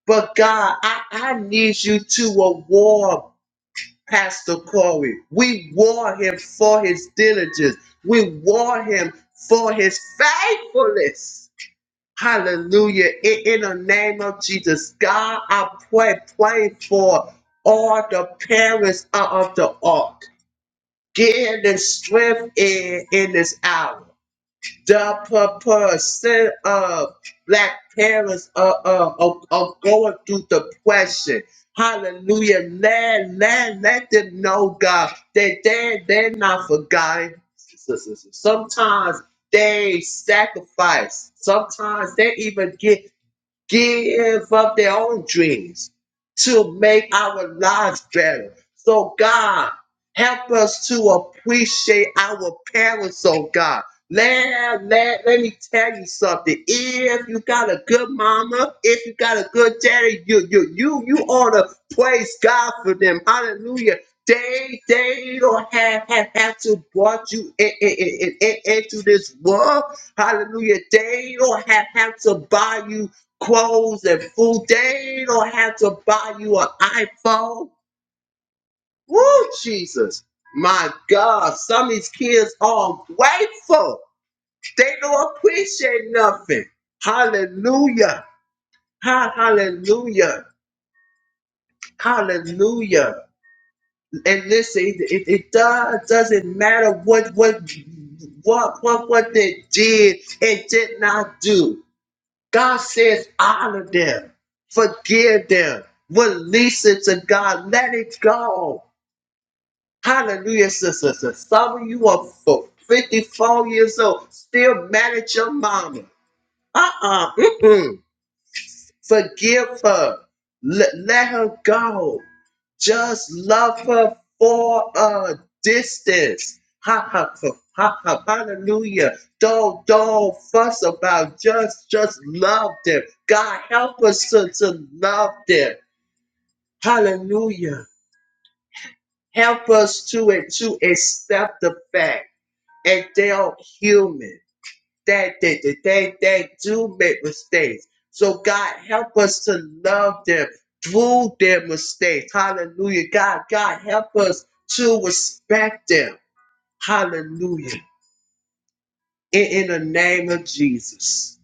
Speaker 3: But God, I, I need you to reward Pastor Corey. We war him for his diligence. We war him for his faithfulness. Hallelujah. In, in the name of Jesus, God, I pray, pray for all the parents of of the ark. Give them strength in, in this hour. The percent of black parents are, uh, are, are going through depression. Hallelujah. Let, let, let them know, God, that they, they're not forgotten. Sometimes they sacrifice. Sometimes they even get give up their own dreams to make our lives better. So, God, help us to appreciate our parents, oh God. Let, let, let me tell you something. If you got a good mama, if you got a good daddy, you you you you ought to praise God for them. Hallelujah. They they don't have have, have to brought you in, in, in, in- into this world. Hallelujah. They don't have, have to buy you clothes and food. They don't have to buy you an iPhone. Woo, Jesus. My God, some of these kids are grateful. They don't appreciate nothing. Hallelujah. Ha- Hallelujah. Hallelujah. And listen, it, it, it does, doesn't matter what, what, what, what, what they did and did not do. God says, honor them, forgive them, release it to God, let it go. Hallelujah, sister. sister. Some of you are for 54 years old, still mad at your mama. Uh uh forgive her, let, let her go. Just love her for a distance. Ha ha ha ha ha. Hallelujah. Don't don't fuss about just just love them. God help us to, to love them. Hallelujah. Help us to it to accept the fact and they're human that they that they that do make mistakes. So God help us to love them through their mistakes. Hallelujah. God, God help us to respect them. Hallelujah. In, in the name of Jesus.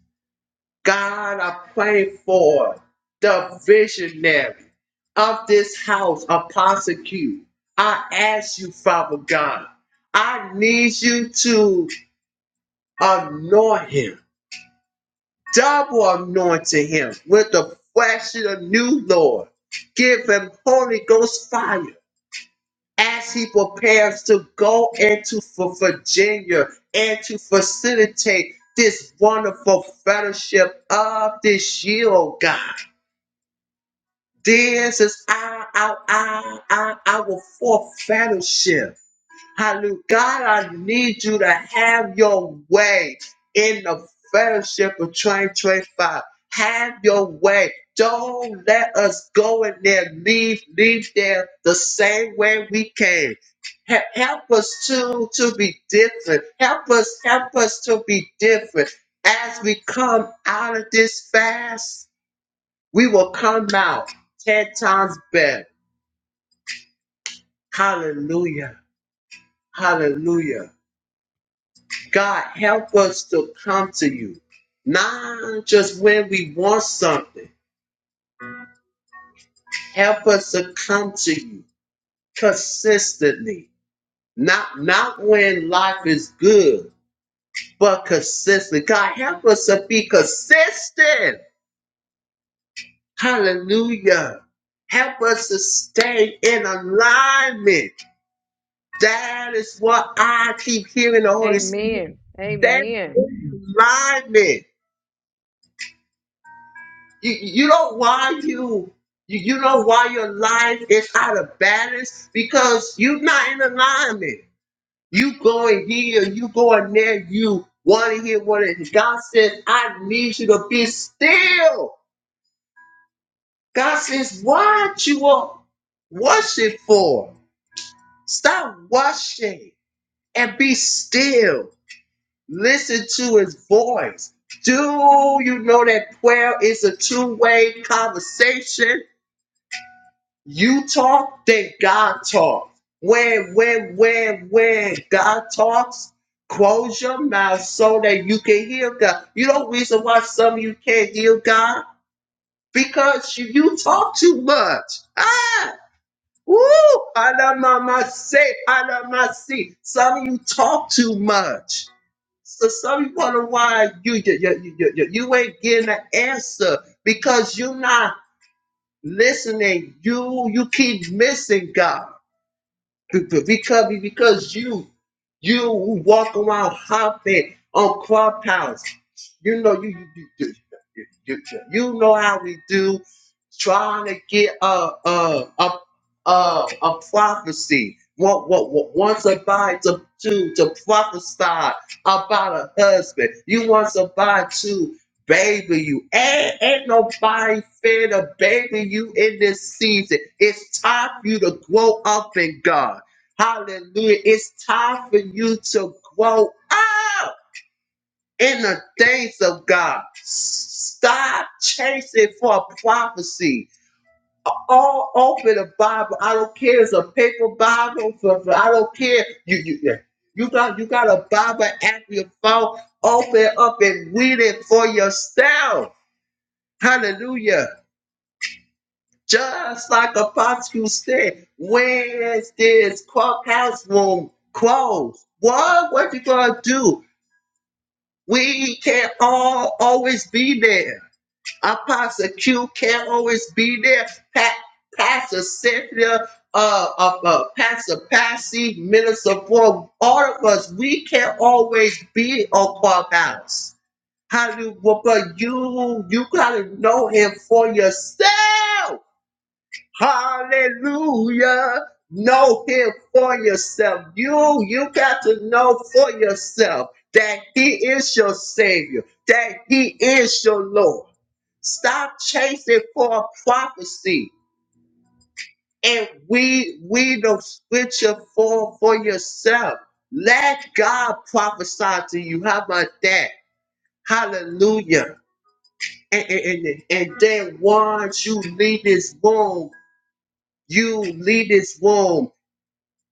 Speaker 3: God, I pray for the visionary of this house, Apostle Q. I ask you, Father God, I need you to anoint him. double anointing him with the flesh of the new Lord. Give him Holy Ghost fire as he prepares to go into for Virginia and to facilitate this wonderful fellowship of this year, oh God. This is our, our, our, our, our fourth fellowship. Hallelujah. God, I need you to have your way in the fellowship of 2025. Have your way. Don't let us go in there, leave, leave there the same way we came. He- Help us to, to be different. Help us, help us to be different. As we come out of this fast, we will come out 10 times better. Hallelujah. Hallelujah. God, help us to come to you, not just when we want something. Help us to come to you consistently, not not when life is good, but consistent. God, help us to be consistent. Hallelujah. Help us to stay in alignment. That is what I keep hearing the Holy Spirit.
Speaker 1: Amen.
Speaker 3: Stay
Speaker 1: Amen.
Speaker 3: in alignment. You, you know why you, you you know why your life is out of balance because you're not in alignment. You going here, you going there, you want to hear what it. God says, I need you to be still. God says, what you are worship for? Stop worshiping and be still. Listen to His voice. Do you know that prayer is a two-way conversation? You talk, then God talk. When, when, when, when God talks, close your mouth so that you can hear God. You know the reason why some of you can't hear God? Because you, you talk too much. Ah! Woo! Adamama say, Adama see. Some of you talk too much. So some of you wonder why you, you, you, you, you you ain't getting an answer because you're not listening. You you keep missing God. Be- be- Because because you you walk around hopping on clubhouse. You know you you you, you, you, you you know how we do trying to get a a a a, a prophecy. What what what want somebody to to to prophesy about a husband? You want somebody to baby you. Ain't, ain't nobody fair to baby you in this season. It's time for you to grow up in God. Hallelujah. It's time for you to grow up in the things of God. Stop chasing for a prophecy. All over the Bible. I don't care. It's a paper Bible. I f- I don't care. You you yeah. you got you got a Bible app your phone. Open up and read it for yourself. Hallelujah. Just like Apostle said, where is this courthouse room closed? What? What you gonna do? We can't all always be there. Apostle Q can't always be there. Pa- Pastor Cynthia, uh, uh, uh, Pastor Passy, Minister Ford, all of us, we can't always be on clubhouse. How do? you, But you, you gotta know him for yourself. Hallelujah. Know him for yourself. You you got to know for yourself that he is your savior, that he is your Lord. Stop chasing for a prophecy and we we don't switch it for for yourself. Let God prophesy to you. How about that? Hallelujah. And, and, and and then once you leave this room, you leave this room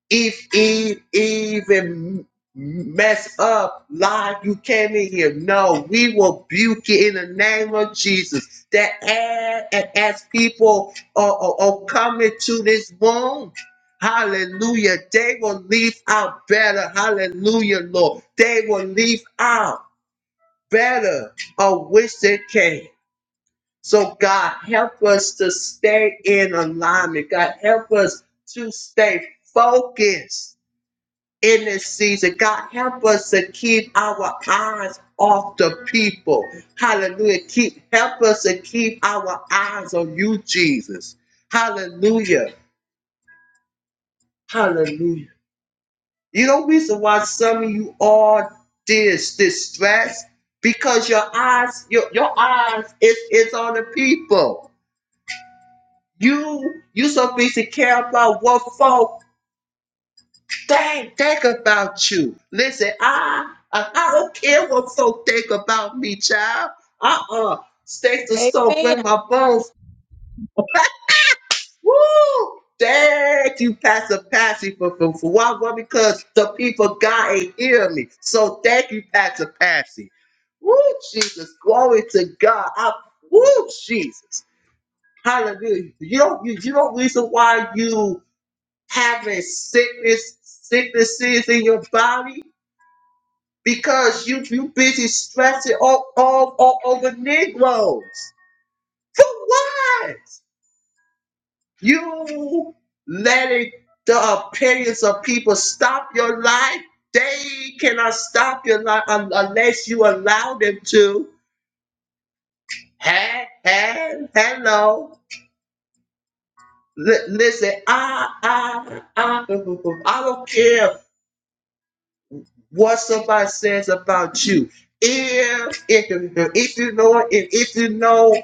Speaker 3: if it even mess up, lie, you came in here. No, we rebuke you in the name of Jesus. That a- as people are, are, are coming to this room, hallelujah, they will leave out better. Hallelujah, Lord. They will leave out better of which they came. So, God, help us to stay in alignment. God, help us to stay focused in this season. God, help us to keep our eyes off the people. Hallelujah. Keep help us to keep our eyes on you, Jesus. Hallelujah. Hallelujah. You know reason why some of you are this distressed? Because your eyes, your, your eyes is, is on the people. You you so busy care about what folk Think, think about you. Listen, I, I, I don't care what folk think about me, child. Uh-uh. Steak to stove, bring
Speaker 1: Amen.
Speaker 3: my bones. Woo! Thank you, Pastor Patsy, for, for, for why? Why? Because the people God ain't hear me. So thank you, Pastor Patsy. Woo, Jesus. Glory to God. I, woo, Jesus. Hallelujah. You don't, you, you don't reason why you having sickness, sicknesses in your body because you you busy stressing all, all, all over Negroes. For what? You letting the opinions of people stop your life? They cannot stop your life un- unless you allow them to. Hey, hey, hello. L- listen, I, I, I, I don't care what somebody says about you. If if if you know it, and if you know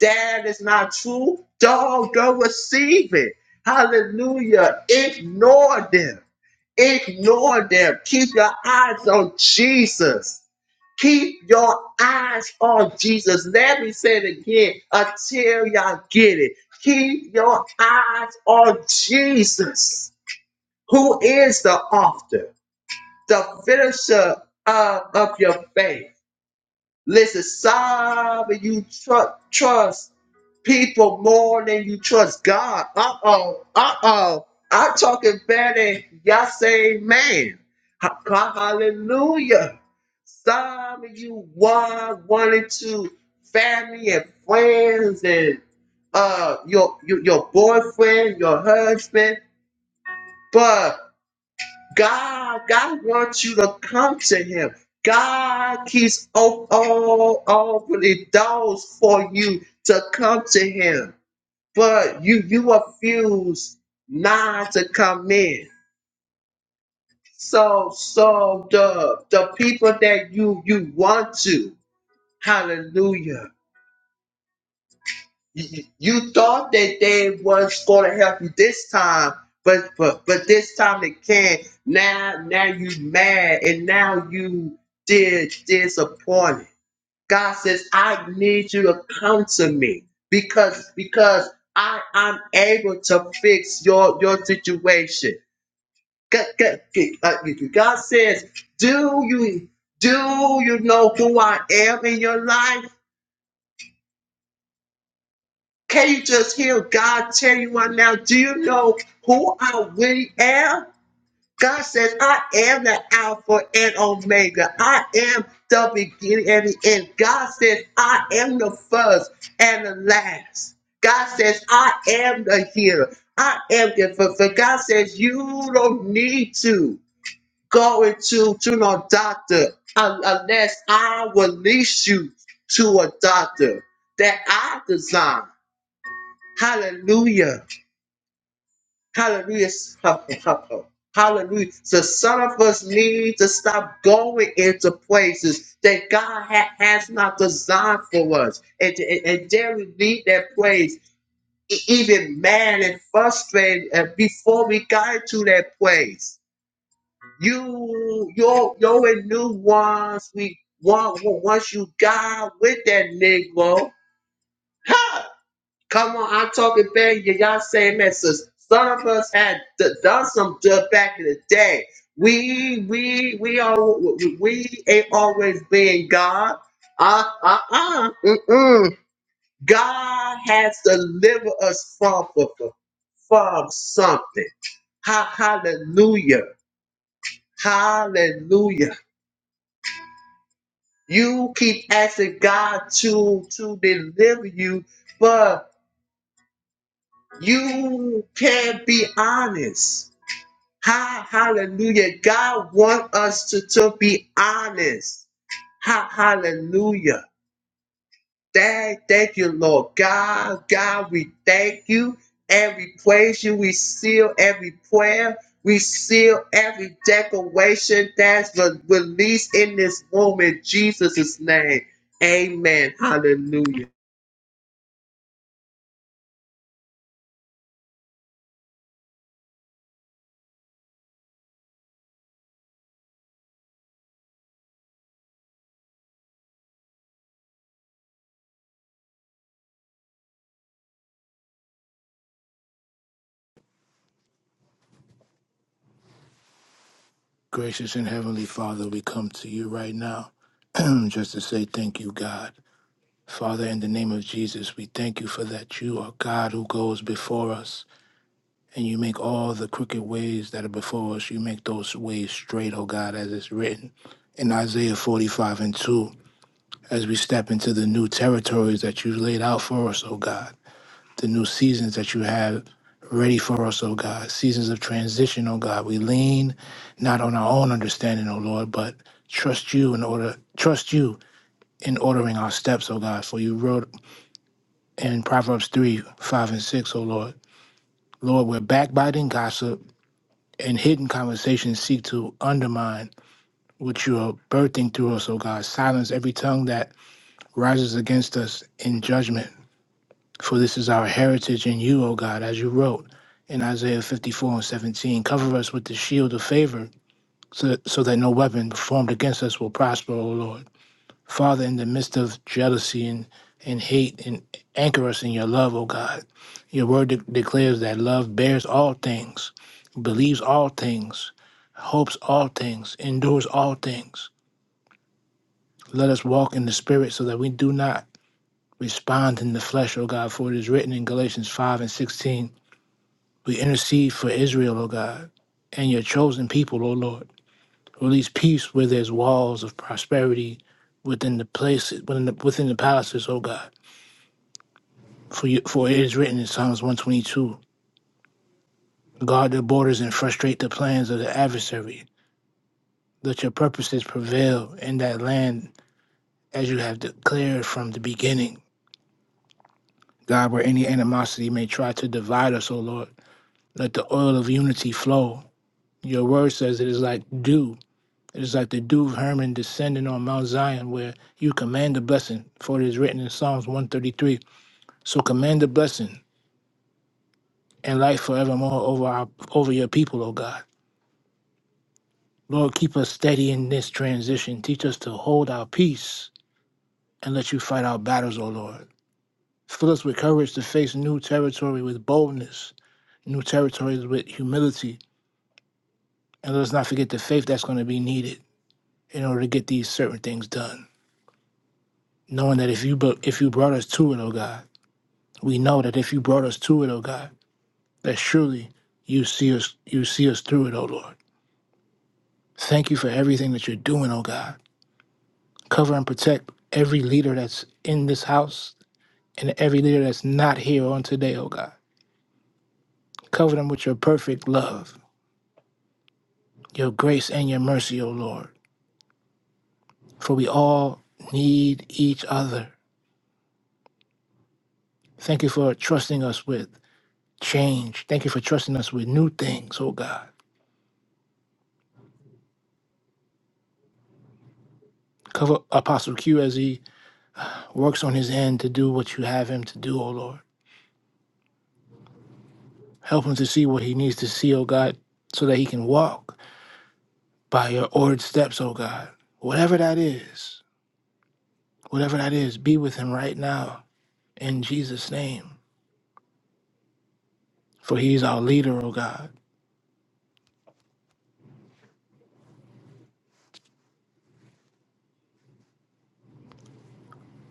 Speaker 3: that is not true, don't don't receive it. Hallelujah. Ignore them. Ignore them. Keep your eyes on Jesus. Keep your eyes on Jesus. Let me say it again until y'all get it. Keep your eyes on Jesus, who is the author the finisher of, of your faith. Listen, some of you tru- trust people more than you trust God. Uh oh, uh oh. I'm talking better. Y'all say man. Ha- ha- Hallelujah. Some of you want wanted to family and friends and uh your, your your boyfriend, your husband, but. God, God wants you to come to Him. God keeps op- all opening doors for you to come to Him, but you you refuse not to come in. So so the the people that you you want to, Hallelujah you, you you thought that they was going to help you this time, but but but this time they can't. Now now you mad and now you did disappointed. God says, I need you to come to me because because I I'm able to fix your your situation. God, God uh, God says, do you do you know who I am in your life? Can you just hear God tell you right now? Do you know who I really am? God says, I am the Alpha and Omega. I am the beginning and the end. God says, I am the first and the last. God says, I am the healer. I am the fulfilled. God says, you don't need to go into to no doctor un- unless I release you to a doctor that I designed. Hallelujah. Hallelujah. Help me, help me. Hallelujah. So some of us need to stop going into places that God ha- has not designed for us. And, and, and there we leave that place, e- even mad and frustrated uh, before we got into that place. You, your, your new ones, we want, once you got with that Negro. Come on, I'm talking very you. all saying that sis. Some of us had d- done some good back in the day. We we we all we ain't always being God. Uh uh uh. Mm-mm. God has delivered us from from, from from something. Ha- hallelujah. Hallelujah. You keep asking God to to deliver you, but you can't be honest. Ha, hallelujah. God wants us to, to be honest. Ha, hallelujah. Thank, thank you, Lord God. God, we thank you. And we praise you. We seal every prayer. We seal every declaration that's re- released in this room in Jesus' name. Amen. Hallelujah.
Speaker 6: Gracious and Heavenly Father, we come to you right now just to say thank you, God. Father, in the name of Jesus, we thank you for that you are God who goes before us, and you make all the crooked ways that are before us, you make those ways straight, oh God, as it's written in Isaiah 45 and 2, as we step into the new territories that you've laid out for us, oh God the new seasons that you have ready for us, O God. Seasons of transition, O God. We lean not on our own understanding, O Lord, but trust you in order trust you in ordering our steps, O God. For you wrote in Proverbs three, five and six, oh Lord. Lord, where backbiting, gossip, and hidden conversations seek to undermine what you are birthing through us, O God. Silence every tongue that rises against us in judgment For this is our heritage in you, O God, as you wrote in Isaiah 54 and 17. Cover us with the shield of favor so, so that no weapon formed against us will prosper, O Lord. Father, in the midst of jealousy and, and hate, and anchor us in your love, O God. Your word de- declares that love bears all things, believes all things, hopes all things, endures all things. Let us walk in the Spirit so that we do not respond in the flesh, O God, for it is written in Galatians 5 and 16. We intercede for Israel, O God, and your chosen people, O Lord. Release peace where there's walls of prosperity within the places, within the, within the palaces, O God. For you, for it is written in Psalms 122, guard their borders and frustrate the plans of the adversary. Let your purposes prevail in that land as you have declared from the beginning. God, where any animosity may try to divide us, O Lord, let the oil of unity flow. Your word says it is like dew It's like the dew of Hermon descending on Mount Zion, where you command the blessing, for it is written in Psalms 133. So command the blessing and life forevermore over our over your people, O God. Lord, keep us steady in this transition. Teach us to hold our peace and let you fight our battles, O Lord. Fill us with courage to face new territory with boldness, new territories with humility, and let us not forget the faith that's going to be needed in order to get these certain things done. Knowing that if you bu- if you brought us to it, O God We know that if you brought us to it, O God, that surely you see us you see us through it, O Lord. Thank you for everything that you're doing, O God. Cover and protect every leader that's in this house and every leader that's not here on today, O God. Cover them with your perfect love, your grace and your mercy, O Lord. For we all need each other. Thank you for trusting us with change. Thank you for trusting us with new things, O God. Cover Apostle Q as he works on his end to do what you have him to do, O Lord. Help him to see what he needs to see, O God, so that he can walk by your ordered steps, O God. Whatever that is, whatever that is, be with him right now in Jesus' name. For he is our leader, O God.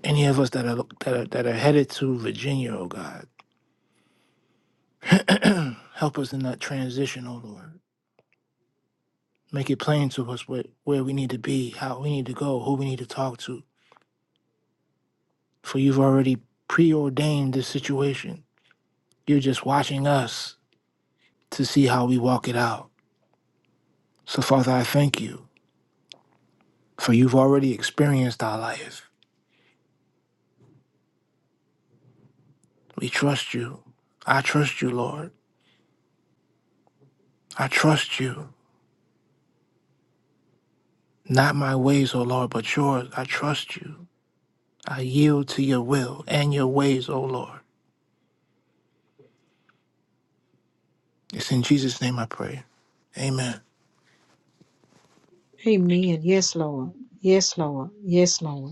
Speaker 6: Any of us that are that are, that are headed to Virginia, O God, help us in that transition, O Lord. Make it plain to us where, where we need to be, how we need to go, who we need to talk to. For you've already preordained this situation You're just watching us to see how we walk it out. So, Father, I thank you, for you've already experienced our life. We trust you. I trust you, Lord. I trust you. Not my ways, O Lord, but yours. I trust you. I yield to your will and your ways, O Lord. It's in Jesus' name I pray. Amen.
Speaker 1: Amen. Yes, Lord. Yes, Lord. Yes, Lord.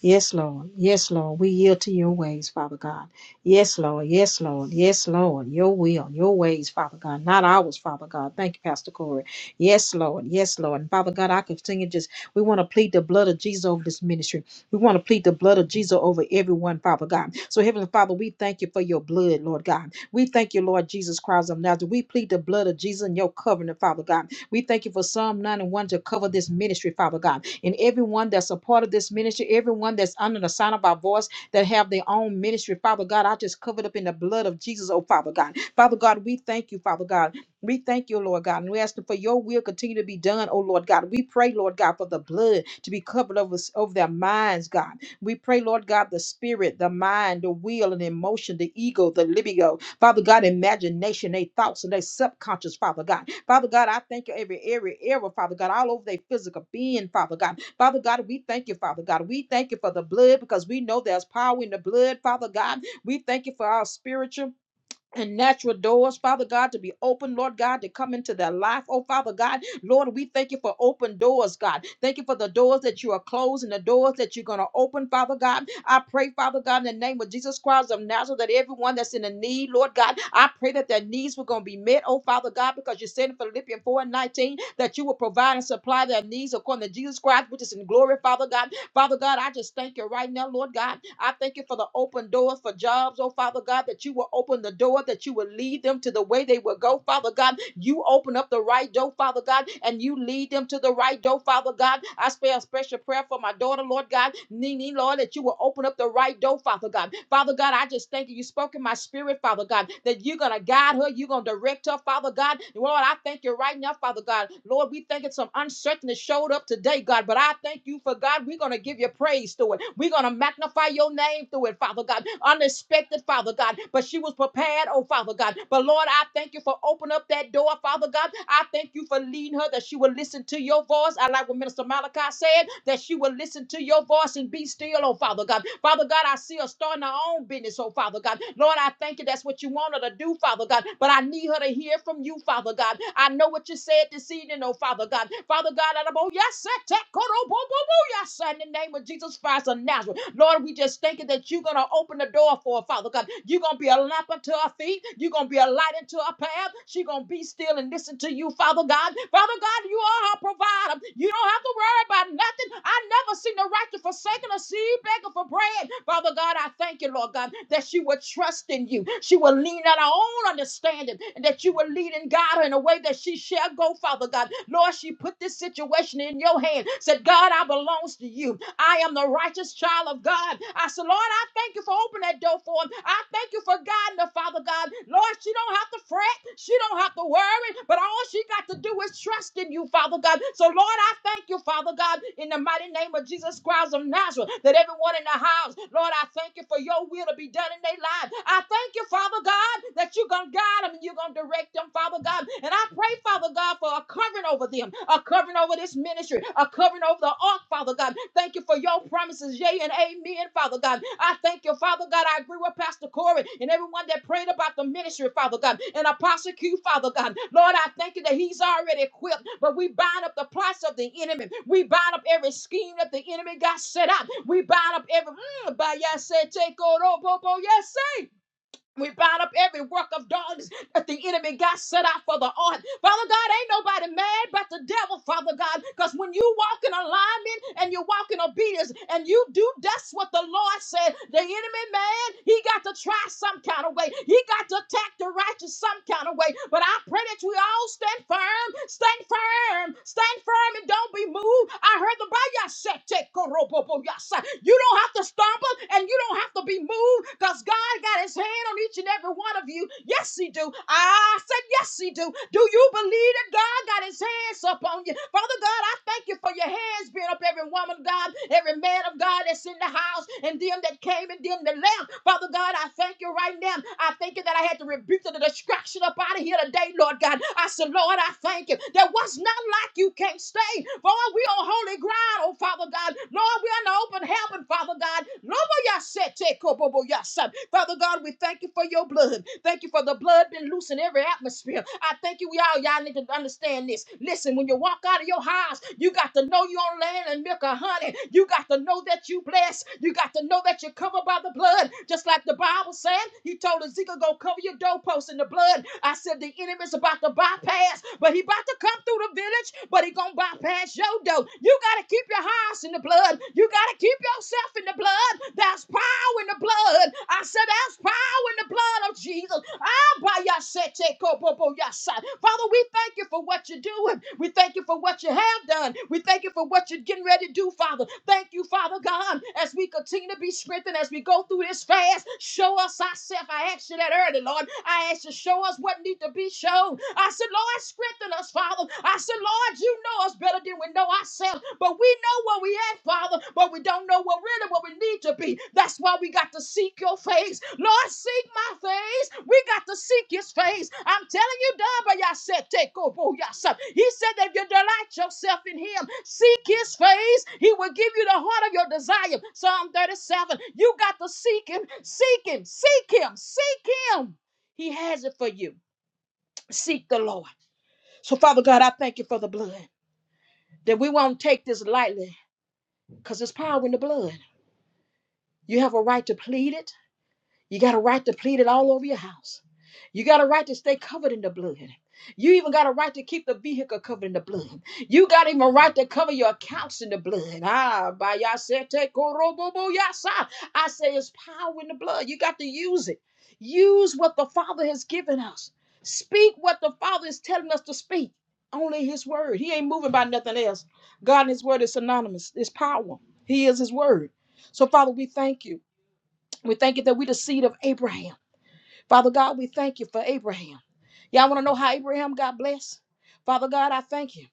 Speaker 1: Yes, Lord. Yes, Lord. We yield to your ways, Father God. Yes, Lord. Yes, Lord. Yes, Lord. Your will, your ways, Father God. Not ours, Father God. Thank you, Pastor Corey. Yes, Lord. Yes, Lord. And Father God, I continue just, we want to plead the blood of Jesus over this ministry. We want to plead the blood of Jesus over everyone, Father God. So, Heavenly Father, we thank you for your blood, Lord God. We thank you, Lord Jesus Christ of Nazareth. We plead the blood of Jesus in your covenant, Father God. We thank you for Psalm 91 to cover this ministry, Father God. And everyone that's a part of this ministry, everyone that's under the sign of our voice that have their own ministry, Father God, I just covered up in the blood of Jesus, oh Father God. Father God, we thank you, Father God. We thank you, Lord God, and we ask for your will continue to be done, oh Lord God. We pray, Lord God, for the blood to be covered over, over their minds, God. We pray, Lord God, the spirit, the mind, the will, and emotion, the ego, the libido, Father God, imagination, their thoughts, and their subconscious, Father God. Father God, I thank you every every era, Father God, all over their physical being, Father God. Father God, we thank you, Father God. We thank you for the blood because we know there's power in the blood, Father God. We thank you for our spiritual and natural doors, Father God, to be open, Lord God, to come into their life. Oh, Father God, Lord, we thank you for open doors, God. Thank you for the doors that you are closing, the doors that you're going to open, Father God. I pray, Father God, in the name of Jesus Christ of Nazareth, that everyone that's in a need, Lord God, I pray that their needs were going to be met, oh, Father God, because you said in Philippians 4 and 19 that you will provide and supply their needs according to Jesus Christ, which is in glory, Father God. Father God, I just thank you right now, Lord God. I thank you for the open doors for jobs, oh Father God, that you will open the door, that you will lead them to the way they will go, Father God. You open up the right door, Father God, and you lead them to the right door, Father God. I spare a special prayer for my daughter, Lord God, Nene, Lord, that you will open up the right door, Father God. Father God, I just thank you. You spoke in my spirit, Father God, that you're going to guide her, you're going to direct her, Father God. Lord, I thank you right now, Father God. Lord, we think it's some uncertainty showed up today, God, but I thank you for God God. We're going to give you praise through it. We're going to magnify your name through it, Father God. Unexpected, Father God. But she was prepared, oh, Father God. But Lord, I thank you for opening up that door, Father God. I thank you for leading her that she will listen to your voice. I like what Minister Malachi said, that she will listen to your voice and be still, oh, Father God. Father God, I see her starting her own business, oh, Father God. Lord, I thank you. That's what you want her to do, Father God. But I need her to hear from you, Father God. I know what you said this evening, oh, Father God. Father God, I don't- oh, yes, sir your son in the name of Jesus Christ of Nazareth. Lord, we just thinking that you're going to open the door for her, Father God. You're going to be a lamp unto her feet. You're going to be a light unto her path. She's going to be still and listen to you, Father God. Father God, you are her provider. You don't have to worry about nothing. I never seen the righteous forsaken or seed beggar for bread. Father God, I thank you, Lord. Lord God, that she would trust in you. She will lean on her own understanding and that you will lead and guide her in a way that she shall go, Father God. Lord, she put this situation in your hand. Said, God, I belongs to you. I am the righteous child of God. I said, Lord, I thank you for opening that door for him. I thank you for guiding her, Father God. Lord, she don't have to fret. She don't have to worry, but all she got to do is trust in you, Father God. So, Lord, I thank you, Father God, in the mighty name of Jesus Christ of Nazareth, that everyone in the house, Lord, I thank you for your will to be done in their lives. I thank you, Father God, that you're going to guide them and you're going to direct them, Father God. And I pray, Father God, for a covering over them, a covering over this ministry are covering over the ark, Father God. Thank you for your promises, yea and amen, Father God. I thank you, Father God. I agree with Pastor Corey and everyone that prayed about the ministry, Father God, and Apostle Q, Father God. Lord, I thank you that he's already equipped, but we bind up the plots of the enemy. We bind up every scheme that the enemy got set up. We bind up every, mm, by yes, say, take, oh, no, bo- bo- yes, say. We bind up every work of darkness that the enemy got set out for the art. Father God, ain't nobody mad but the devil, Father God, because when you walk in alignment and you walk in obedience and you do, that's what the Lord said. The enemy, man, he got to try some kind of way. He got to attack the righteous some kind of way. But I pray that we all stand firm, stand firm, stand firm and don't be moved. I heard the Bayasha. You don't have to stumble and you don't have to be moved because God got his hand on each and every every one of you. Yes, he do. I said, yes, he do. Do you believe that God got his hands up on you? Father God, I thank you for your hands being up every woman, of God, every man of God that's in the house, and them that came and them that left. Father God, I thank you right now. I thank you that I had to rebuke the distraction up out of here today, Lord God. I said, Lord, I thank you that what's not like you can't stay. Lord, we on holy ground, oh Father God. Lord, we on the open heaven, Father God. Lobo yasete kobobo yasa. Father God, we thank you for your blood. Thank you for the blood been loose in every atmosphere. I thank you. We all y'all need to understand this. Listen, when you walk out of your house, you got to know you're on land and milk and honey. You got to know that you blessed. You got to know that you're covered by the blood. Just like the Bible said, he told Ezekiel, go cover your doorpost in the blood. I said the enemy's about to bypass, but he about to come through the village, but he gonna bypass your door. You gotta keep your house in the blood. You gotta keep yourself in the blood. That's power power in the blood. I said, There's power in the blood of Jesus. Ah, by your set, take up, up Father, we thank you for what you're doing. We thank you for what you have done. We thank you for what you're getting ready to do, Father. Thank you, Father God, as we continue to be strengthened, as we go through this fast. Show us ourselves. I asked you that early, Lord. I asked you, to show us what needs to be shown. I said, Lord, strengthen us, Father. I said, Lord, you know us better than we know ourselves, but we know where we at, Father, but we don't know what really what we need to be. That's why we got to seek your face. Lord, seek my face. We got to seek his face. I'm telling you, Dabba, y'all said, take over yourself. He said that if you delight yourself in him, seek his face, he will give you the heart of your desire. Psalm 37. You got to seek him, seek him, seek him, seek him. He has it for you. Seek the Lord. So, Father God, I thank you for the blood. That we won't take this lightly because it's power in the blood. You have a right to plead it. You got a right to plead it all over your house. You got a right to stay covered in the blood. You even got a right to keep the vehicle covered in the blood. You got even a right to cover your accounts in the blood. Ah, by yasete korobobo yasa. I say it's power in the blood. You got to use it. Use what the Father has given us. Speak what the Father is telling us to speak. Only His Word. He ain't moving by nothing else. God and His Word is synonymous. It's power. He is His Word. So, Father, we thank you. We thank you that we the seed of Abraham. Father God, we thank you for Abraham. Y'all want to know how Abraham got blessed? Father God, I thank you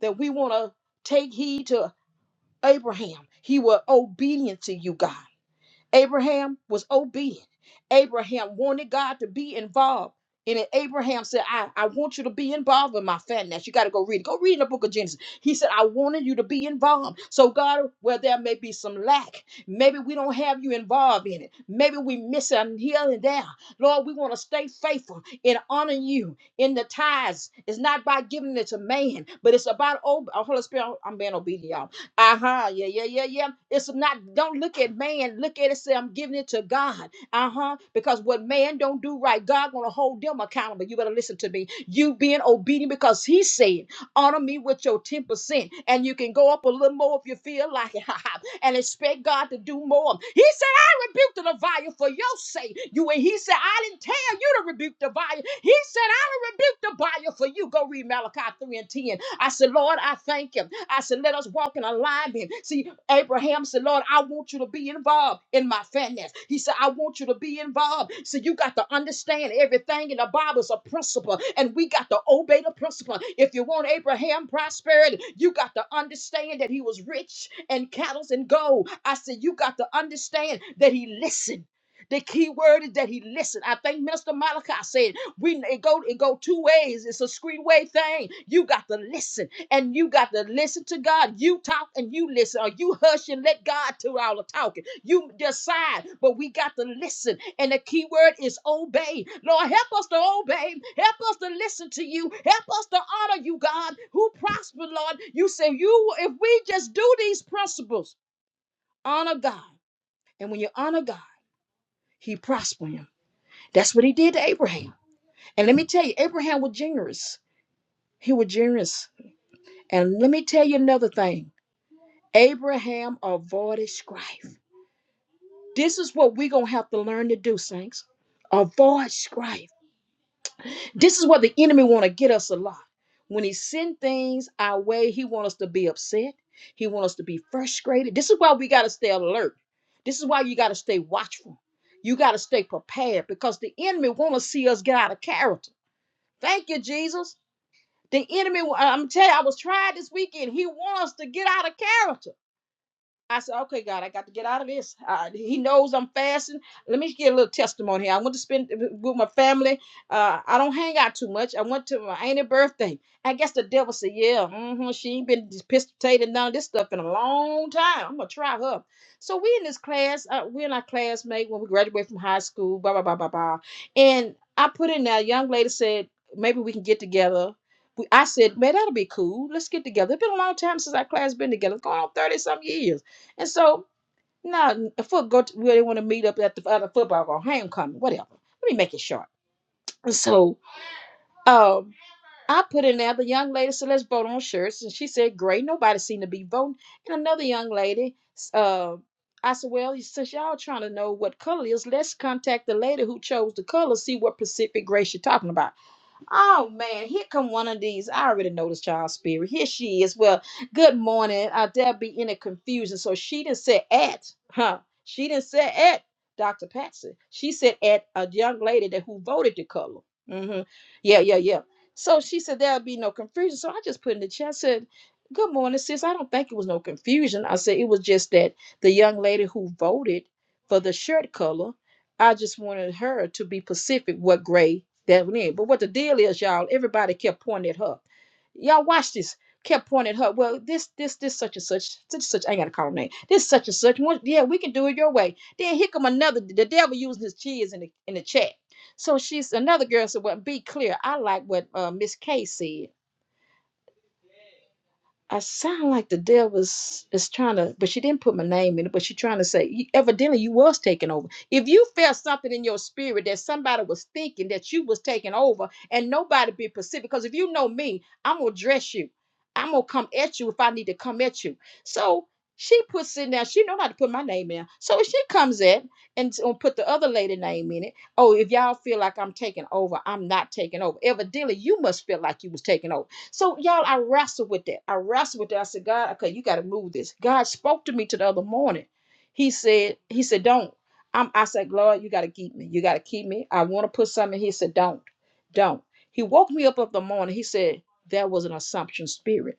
Speaker 1: that we want to take heed to Abraham. He was obedient to you, God. Abraham was obedient. Abraham wanted God to be involved. And then Abraham said, I, I want you to be involved in my finance. You got to go read it. Go read in the book of Genesis. He said, I wanted you to be involved. So, God, where there may be some lack, maybe we don't have you involved in it. Maybe we miss it here and there. Lord, we want to stay faithful in honoring you in the tithes. It's not by giving it to man, but it's about, oh, Holy Spirit, I'm being obedient, y'all uh-huh. Yeah, yeah, yeah, yeah. It's not, don't look at man. Look at it, say, I'm giving it to God. Uh-huh. Because what man don't do right, God gonna hold them accountable. You better listen to me. You being obedient because he said, honor me with your 10%. And you can go up a little more if you feel like it. and expect God to do more. He said, I rebuked the devourer for your sake. You and he said, I didn't tell you to rebuke the devourer. He said, I done rebuked the buyer for you. Go read Malachi 3 and 10. I said, Lord, I thank you. I said, let us walk in alignment. See, Abraham said, Lord, I want you to be involved in my finance. He said, I want you to be involved. So you got to understand everything in the Bible is a principle, and we got to obey the principle. If you want Abraham prosperity, you got to understand that he was rich and cattle and gold. I said, you got to understand that he listened. The key word is that he listened. I think Minister Malachi said we it go it go two ways. It's a screenway thing. You got to listen. And you got to listen to God. You talk and you listen, or you hush and let God do all the talking. You decide, but we got to listen. And the key word is obey. Lord, help us to obey. Help us to listen to you. Help us to honor you, God, who prospered, Lord. You say, you if we just do these principles, honor God. And when you honor God, he prospered him. That's what he did to Abraham. And let me tell you, Abraham was generous. He was generous. And let me tell you another thing. Abraham avoided strife. This is what we're gonna have to learn to do, saints. Avoid strife. This is what the enemy want to get us a lot. When he send things our way, he want us to be upset. He want us to be frustrated. This is why we gotta stay alert. This is why you gotta stay watchful. You gotta stay prepared because the enemy want to see us get out of character. Thank you, Jesus. The enemy, I'm telling you, I was tried this weekend. He want us to get out of character. I said, okay, God, I got to get out of this. Uh, he knows I'm fasting. Let me get a little testimony. here. I went to spend uh, with my family. Uh, I don't hang out too much. I went to my auntie's birthday. I guess the devil said, yeah, hmm she ain't been pistolating none of this stuff in a long time. I'm going to try her. So we in this class, uh, we and our classmate when we graduated from high school, blah, blah, blah, blah, blah. And I put in there, a young lady said, maybe we can get together. We- I said, man, that'll be cool. Let's get together. It's been a long time since our class been together. It's going on 30 some years. And so now if we go to where they want to meet up at the other football or homecoming, whatever. Let me make it short. And So um I put in there the young lady said let's vote on shirts and she said great nobody seemed to be voting and another young lady uh, I said well since y'all trying to know what color it is let's contact the lady who chose the color see what Pacific Grace you're talking about Oh man, here come one of these. I already know this child spirit. Here she is. Well, good morning. Uh, there be any confusion. So she didn't say at, huh? She didn't say at Dr. Patsy. She said at a young lady that who voted the color. hmm Yeah, yeah, yeah. So she said there'll be no confusion. So I just put in the chat said, "Good morning, sis. I don't think it was no confusion. I said it was just that the young lady who voted for the shirt color I just wanted her to be specific what grade that went in. But what the deal is, y'all, everybody kept pointing at her. Y'all watch this. Kept pointing at her. Well, this, this, this, such and such, such and such. I ain't gotta call her name. This such and such. One, yeah, we can do it your way. Then here come another. The devil using his cheese in the in the chat. So she's another girl said, "Well, be clear. I like what uh, Miss K said. I sound like the devil's is trying to, but she didn't put my name in it, but she trying to say, "You- evidently you was taking over. If you felt something in your spirit that somebody was thinking that you was taking over and nobody be pacific, because if you know me, I'm gonna dress you. I'm gonna come at you if I need to come at you. So she puts in there, she know how to put my name in. So she comes at and s- and put the other lady name in it. Oh, if y'all feel like I'm taking over, I'm not taking over. Evidently, you must feel like you was taking over. So y'all, I wrestled with that. I wrestled with that. I said, God, okay, you got to move this. God spoke to me to the other morning. He said, He said, don't. I'm, I said, Lord, you got to keep me. You got to keep me. I want to put something. He said, don't, don't. He woke me up of the morning. He said, that was an assumption spirit.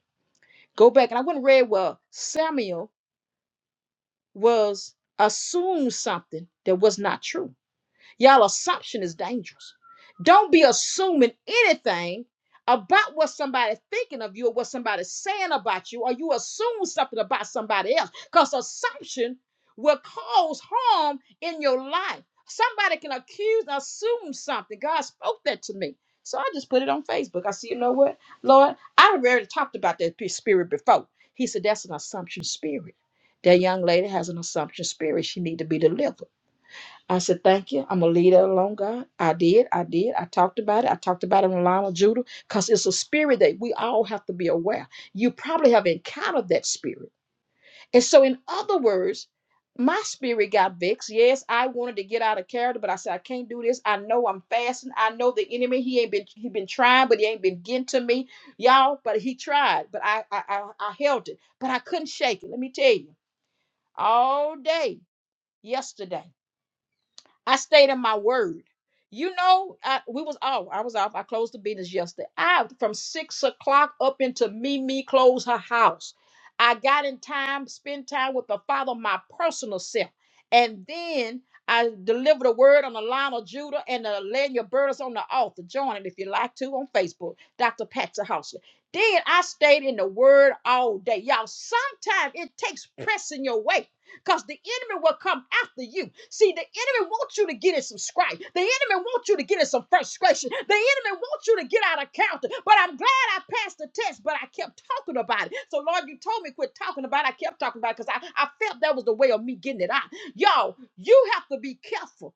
Speaker 1: Go back and I went and read. Well, Samuel was assumed something that was not true. Y'all assumption is dangerous. Don't be assuming anything about what somebody's thinking of you or what somebody's saying about you, or you assume something about somebody else. Because assumption will cause harm in your life. Somebody can accuse, assume something. God spoke that to me. So I just put it on Facebook. I said, you know what, Lord, I've already talked about that spirit before. He said, that's an assumption spirit. That young lady has an assumption spirit. She need to be delivered. I said, Thank you. I'm going to leave that alone, God. I did. I did. I talked about it. I talked about it on the line with Judah because it's a spirit that we all have to be aware. You probably have encountered that spirit. And so, in other words, my spirit got vexed. Yes, I wanted to get out of character, but I said, I can't do this. I know I'm fasting. I know the enemy, he ain't been he been trying, but he ain't been getting to me. Y'all, but he tried. But I I I, I held it. But I couldn't shake it. Let me tell you. All day yesterday. I stayed in my word. You know, I, we was off. I was off. I closed the business yesterday. I from six o'clock up into Mimi closed her house. I got in time, spend time with the Father, my personal self, and then I delivered a word on the line of Judah and the laying your burdens on the altar. Join it if you like to on Facebook, Dr. Patsy House. Then I stayed in the Word all day, y'all. Sometimes it takes pressing your way because the enemy will come after you. See, the enemy wants you to get in some strife. The enemy wants you to get in some frustration. The enemy wants you to get out of counter. But I'm glad I passed the test, but I kept talking about it. So, Lord, you told me quit talking about it. I kept talking about it because I, I felt that was the way of me getting it out. Y'all, you have to be careful.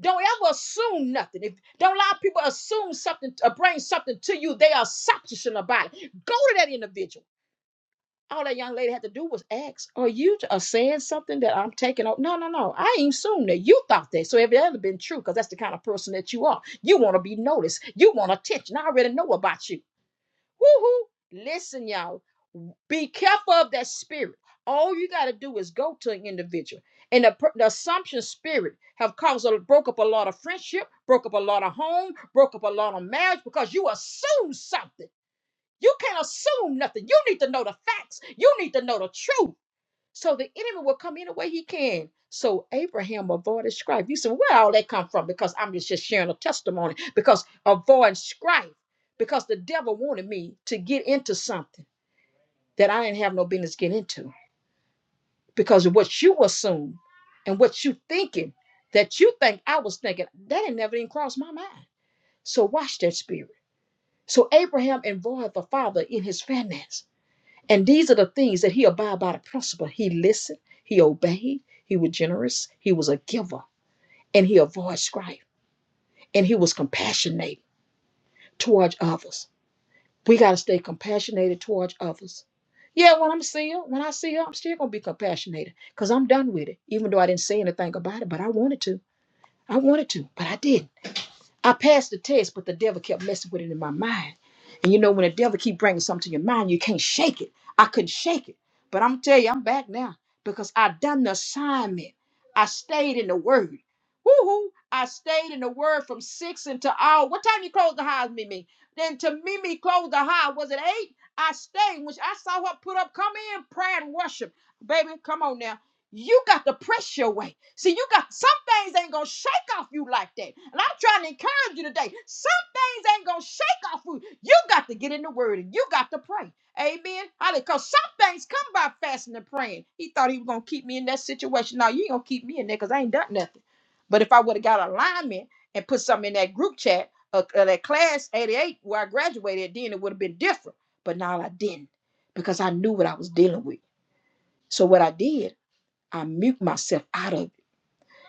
Speaker 1: Don't ever assume nothing. If don't allow people assume something or bring something to you, they are suspicious about it. Go to that individual. All that young lady had to do was ask, Are you uh, saying something that I'm taking up? No, no, no. I ain't assumed that. You thought that. So if that had been true, because that's the kind of person that you are, you want to be noticed. You want attention. I already know about you. hoo! Listen, y'all. Be careful of that spirit. All you got to do is go to an individual. And the, the assumption spirit have caused a, broke up a lot of friendship, broke up a lot of home, broke up a lot of marriage because you assume something. You can't assume nothing. You need to know the facts. You need to know the truth. So the enemy will come any way he can. So Abraham avoided strife. You said, where all that come from? Because I'm just just sharing a testimony. Because avoid strife. Because the devil wanted me to get into something that I didn't have no business getting into. Because of what you assume and what you thinking that you think I was thinking, that ain't never even crossed my mind. So watch that spirit. So Abraham involved the father in his finances. And these are the things that he abide by the principle. He listened, he obeyed, he was generous, he was a giver, and he avoided strife, and he was compassionate towards others. We got to stay compassionate towards others. Yeah, when I'm seeing, when I see her, I'm still gonna be compassionate because I'm done with it. Even though I didn't say anything about it, but I wanted to. I wanted to, but I didn't. I passed the test, but the devil kept messing with it in my mind. And you know, when the devil keep bringing something to your mind, you can't shake it. I couldn't shake it. But I'm tell you, I'm back now because I done the assignment. I stayed in the word. Woo-hoo. I stayed in the word from six until all. What time you closed the house, Mimi? Then to Mimi closed the house. Was it eight? I stayed, which I saw her put up, come in, prayer and worship. Baby, come on now. You got to press your way. See, you got some things ain't gonna shake off you like that. And I'm trying to you today. Some things ain't gonna shake off you. You got to get in the word and you got to pray. Amen. Because some things come by fasting and praying. He thought he was gonna keep me in that situation. No, you ain't gonna keep me in there because I ain't done nothing. But if I would have got alignment and put something in that group chat uh, uh, that class 88 where I graduated, then it would have been different. But now I didn't because I knew what I was dealing with. So what I did, I mute myself out of it.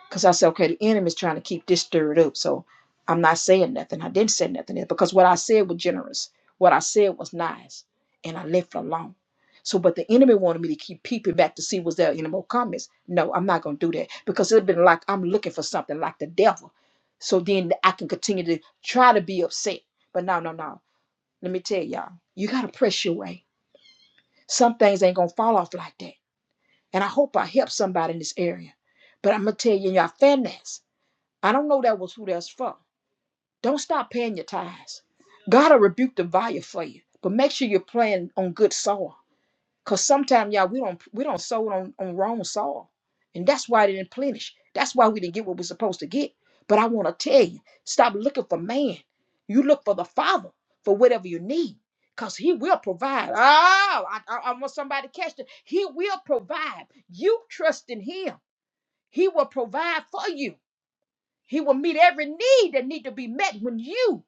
Speaker 1: Because I said, okay, the enemy is trying to keep this stirred up. So I'm not saying nothing. I didn't say nothing else because what I said was generous. What I said was nice. And I left it alone. So, but the enemy wanted me to keep peeping back to see was there any more comments. No, I'm not going to do that because it'd been like I'm looking for something like the devil. So then I can continue to try to be upset. But no, no, no. Let me tell y'all, you got to press your way. Some things ain't going to fall off like that. And I hope I help somebody in this area. But I'm going to tell you in your fairness. I don't know that was who that's for. Don't stop paying your tithes. God will rebuke the buyer for you, but make sure you're playing on good soil. Cause sometimes y'all we don't we don't sow it on, on wrong soil. And that's why it didn't plenish. That's why we didn't get what we're supposed to get. But I want to tell you, stop looking for man. You look for the father for whatever you need. Cause he will provide. Oh, I, I, I want somebody to catch it. He will provide. You trust in him. He will provide for you. He will meet every need that need to be met when you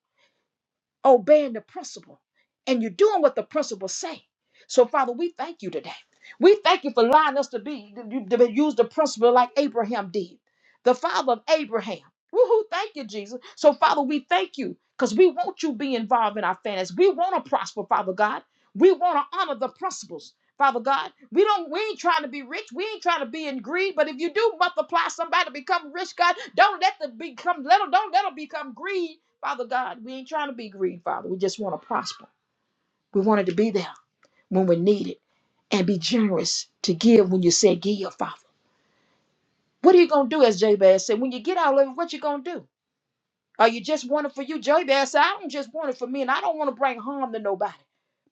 Speaker 1: obeying the principle and you're doing what the principle say. So, Father, we thank you today. We thank you for allowing us to be to be- use the principle like Abraham did, the father of Abraham. Woohoo! Thank you, Jesus. So, Father, we thank you because we want you to be involved in our families. We want to prosper, Father God. We want to honor the principles, Father God. We don't. We ain't trying to be rich. We ain't trying to be in greed. But if you do multiply somebody to become rich, God, don't let them become. Let them, don't let them become greed Father God, we ain't trying to be greedy, Father. We just want to prosper. We wanted to be there when we need it and be generous to give when you say give, Father. What are you going to do, as Jabez said? When you get out of it, what you going to do? Are you just wanting for you? Jabez said, I don't just want it for me and I don't want to bring harm to nobody.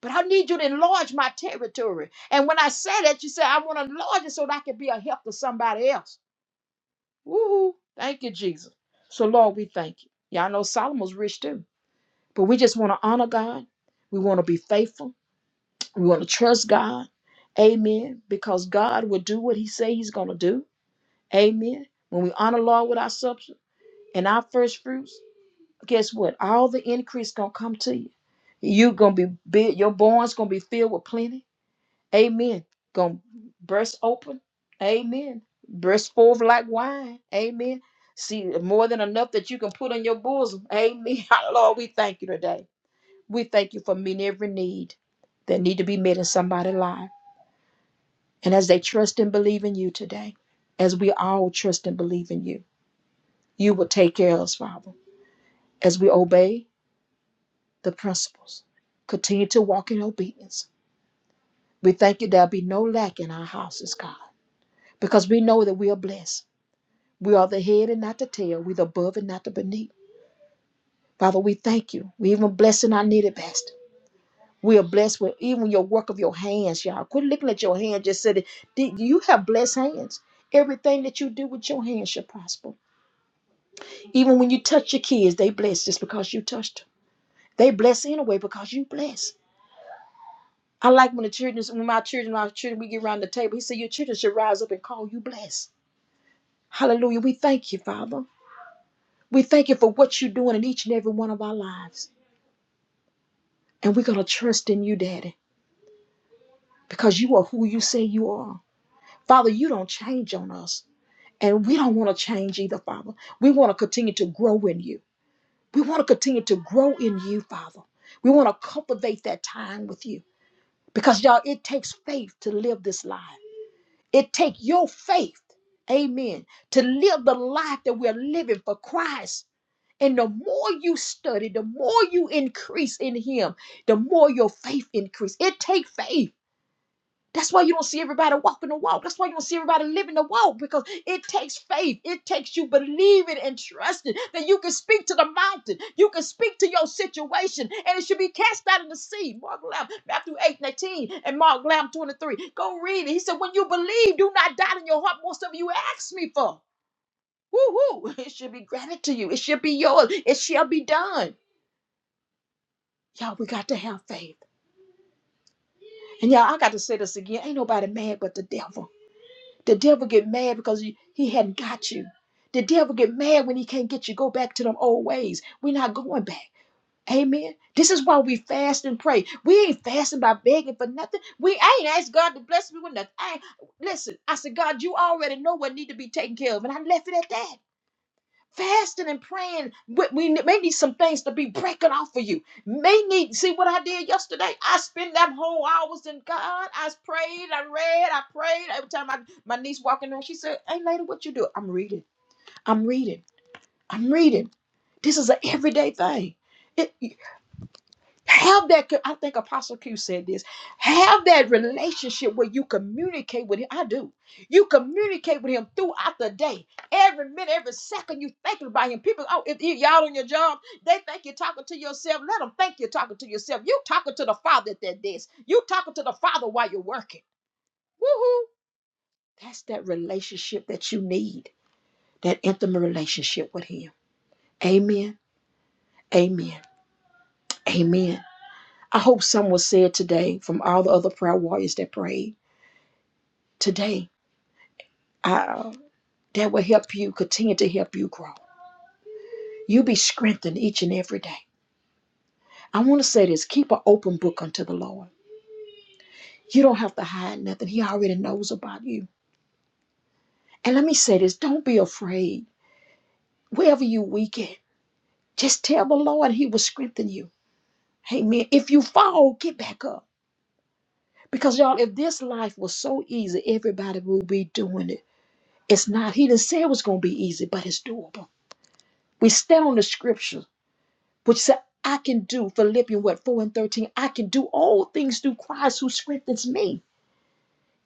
Speaker 1: But I need you to enlarge my territory. And when I say that, you say, I want to enlarge it so that I can be a help to somebody else. Woohoo. Thank you, Jesus. So, Lord, we thank you. Y'all know Solomon's rich too. But we just want to honor God. We want to be faithful. We want to trust God. Amen. Because God will do what He say He's going to do. Amen. When we honor Lord with our substance and our first fruits, guess what? All the increase going to come to you. you going to be big. Your barn's going to be filled with plenty. Amen. Going to burst open. Amen. Burst forth like wine. Amen. See, more than enough that you can put in your bosom. Amen. Lord, we thank you today. We thank you for meeting every need that need to be met in somebody's life. And as they trust and believe in you today, as we all trust and believe in you, you will take care of us, Father, as we obey the principles. Continue to walk in obedience. We thank you there'll be no lack in our houses, God, because we know that we are blessed. We are the head and not the tail. We're the above and not the beneath. Father, we thank you. We even blessing our needy best. We are blessed with even your work of your hands, y'all. Quit looking at your hand. Just said, you have blessed hands. Everything that you do with your hands shall prosper. Even when you touch your kids, they bless just because you touched them. They bless anyway because you bless. I like when the children, when my children, our children, we get around the table. He said, your children should rise up and call you blessed. Hallelujah. We thank you, Father. We thank you for what you're doing in each and every one of our lives. And we're going to trust in you, Daddy, because you are who you say you are. Father, you don't change on us. And we don't want to change either, Father. We want to continue to grow in you. We want to continue to grow in you, Father. We want to cultivate that time with you. Because y'all, it takes faith to live this life. It takes your faith, amen, to live the life that we're living for Christ. And the more you study, the more you increase in Him, the more your faith increase. It takes faith. That's why you don't see everybody walking the walk. That's why you don't see everybody living the walk because it takes faith. It takes you believing and trusting that you can speak to the mountain. You can speak to your situation and it should be cast out in the sea. Mark Lamb, Matthew 8 and 18 and Mark Lamb 23. Go read it. He said, When you believe, do not doubt in your heart. Most of you ask me for. Woo-hoo. It should be granted to you. It should be yours. It shall be done. Y'all, we got to have faith. And y'all, I got to say this again. Ain't nobody mad but the devil. The devil get mad because he, he hadn't got you. The devil get mad when he can't get you. Go back to them old ways. We're not going back. Amen. This is why we fast and pray. We ain't fasting by begging for nothing. We I ain't asked God to bless me with nothing. I ain't, listen, I said, God, you already know what need to be taken care of. And I left it at that fasting and praying we, we may need some things to be breaking off for you may need see what i did yesterday i spent that whole hours in god i prayed i read i prayed every time I, my niece walking in the room, she said hey lady what you do i'm reading i'm reading i'm reading this is an everyday thing have that, co- I think Apostle Q said this. Have that relationship where you communicate with him. I do. You communicate with him throughout the day. Every minute, every second, you thinking about him. People, oh, if y- y'all on your job, they think you're talking to yourself. Let them think you're talking to yourself. You talking to the Father at that desk. You talking to the Father while you're working. Woohoo! That's that relationship that you need, that intimate relationship with him. Amen. Amen. Amen. I hope some was said today from all the other prayer warriors that prayed today. Uh, that will help you continue to help you grow. You be strengthened each and every day. I want to say this: keep an open book unto the Lord. You don't have to hide nothing. He already knows about you. And let me say this: don't be afraid. Wherever you weak at, just tell the Lord. He will strengthen you. Amen. If you fall, get back up. Because y'all, if this life was so easy, everybody would be doing it. It's not. He didn't say it was gonna be easy, but it's doable. We stand on the scripture, which said, I can do, Philippians what, 4 and 13, I can do all things through Christ who strengthens me.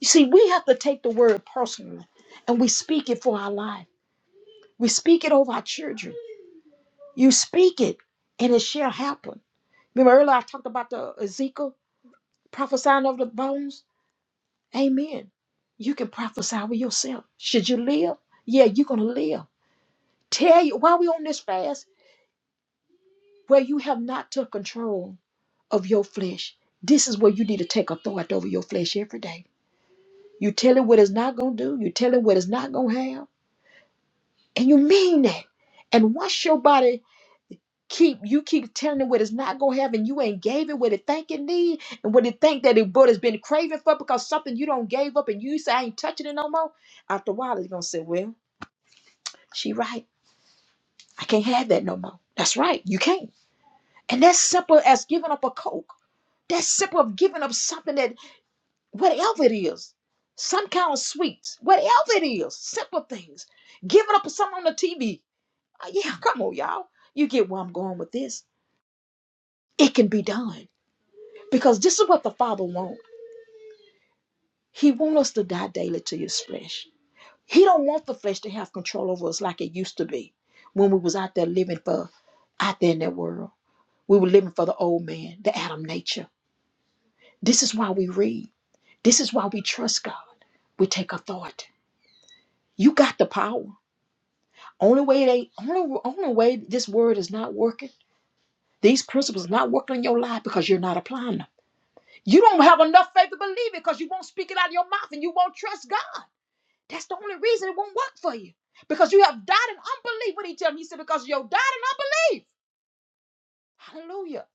Speaker 1: You see, we have to take the word personally and we speak it for our life. We speak it over our children. You speak it and it shall happen. Remember earlier I talked about the Ezekiel prophesying of the bones? Amen. You can prophesy with yourself. Should you live? Yeah, you're going to live. Tell you, while we on this fast, where you have not took control. of your flesh. This is where you need to take authority over your flesh every day. You tell it what it's not going to do, you tell it what it's not going to have, and you mean that. And once your body keep you keep telling it what it's not going to have and you ain't gave it what it think it need and what it think that it but has been craving for because something you don't gave up and you say I ain't touching it no more after a while it's going to say well she right I can't have that no more that's right you can't and that's simple as giving up a coke that's simple of giving up something that. whatever it is, some kind of sweets, whatever it is, simple things. Giving up something on the TV. Uh, Yeah, come on, y'all. You get where I'm going with this. It can be done because this is what the Father wants. He wants us to die daily to His flesh. He don't want the flesh to have control over us like it used to be when we was out there living for out there in that world. We were living for the old man, the Adam nature. This is why we read. This is why we trust God. We take authority. You got the power. Only way they only only way this word is not working. These principles are not working in your life because you're not applying them. You don't have enough faith to believe it because you won't speak it out of your mouth and you won't trust God. That's the only reason it won't work for you. Because you have died in unbelief. What did he tell me? He said, because you died in unbelief. Hallelujah.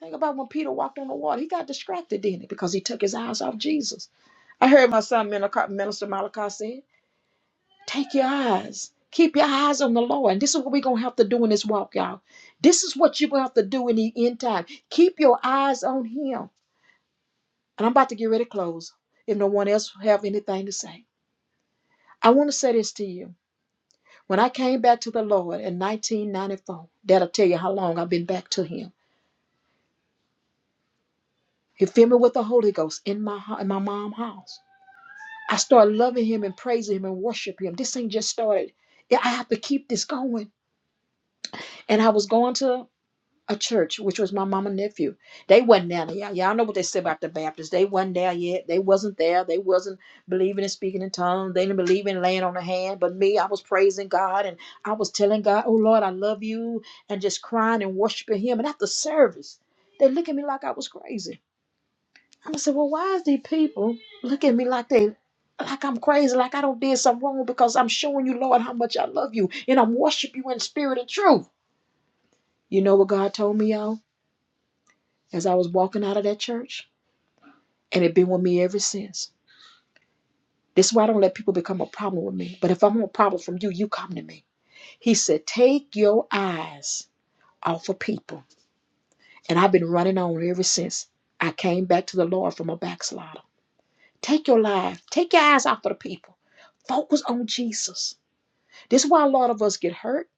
Speaker 1: Think about when Peter walked on the water. He got distracted, didn't he? Because he took his eyes off Jesus. I heard my son Minister Malachi say Take your eyes. Keep your eyes on the Lord. And this is what we're going to have to do in this walk, y'all. This is what you're going to have to do in the end time. Keep your eyes on Him. And I'm about to get ready to close if no one else have anything to say. I want to say this to you. When I came back to the Lord in 1994, that'll tell you how long I've been back to Him. He filled me with the Holy Ghost in my, in my mom's house. I started loving Him and praising Him and worship Him. This thing just started. Yeah, I have to keep this going. And I was going to a church, which was my mama and nephew. They wasn't down there. Y'all, y'all know what they say about the Baptists. They wasn't there yet. They wasn't there. They wasn't believing in speaking in tongues. They didn't believe in laying on the hand. But me, I was praising God and I was telling God, oh Lord, I love you, and just crying and worshiping him. And after service, they look at me like I was crazy. i said, well, why is these people look at me like they like I'm crazy, like I don't did something wrong because I'm showing you, Lord, how much I love you and I'm worship you in spirit and truth. You know what God told me, y'all? as I was walking out of that church, and it been with me ever since. This is why I don't let people become a problem with me. But if I am a problem from you, you come to me. He said, Take your eyes off of people. And I've been running on ever since I came back to the Lord from a backslider. Take your life, take your eyes off of the people. Focus on Jesus. This is why a lot of us get hurt.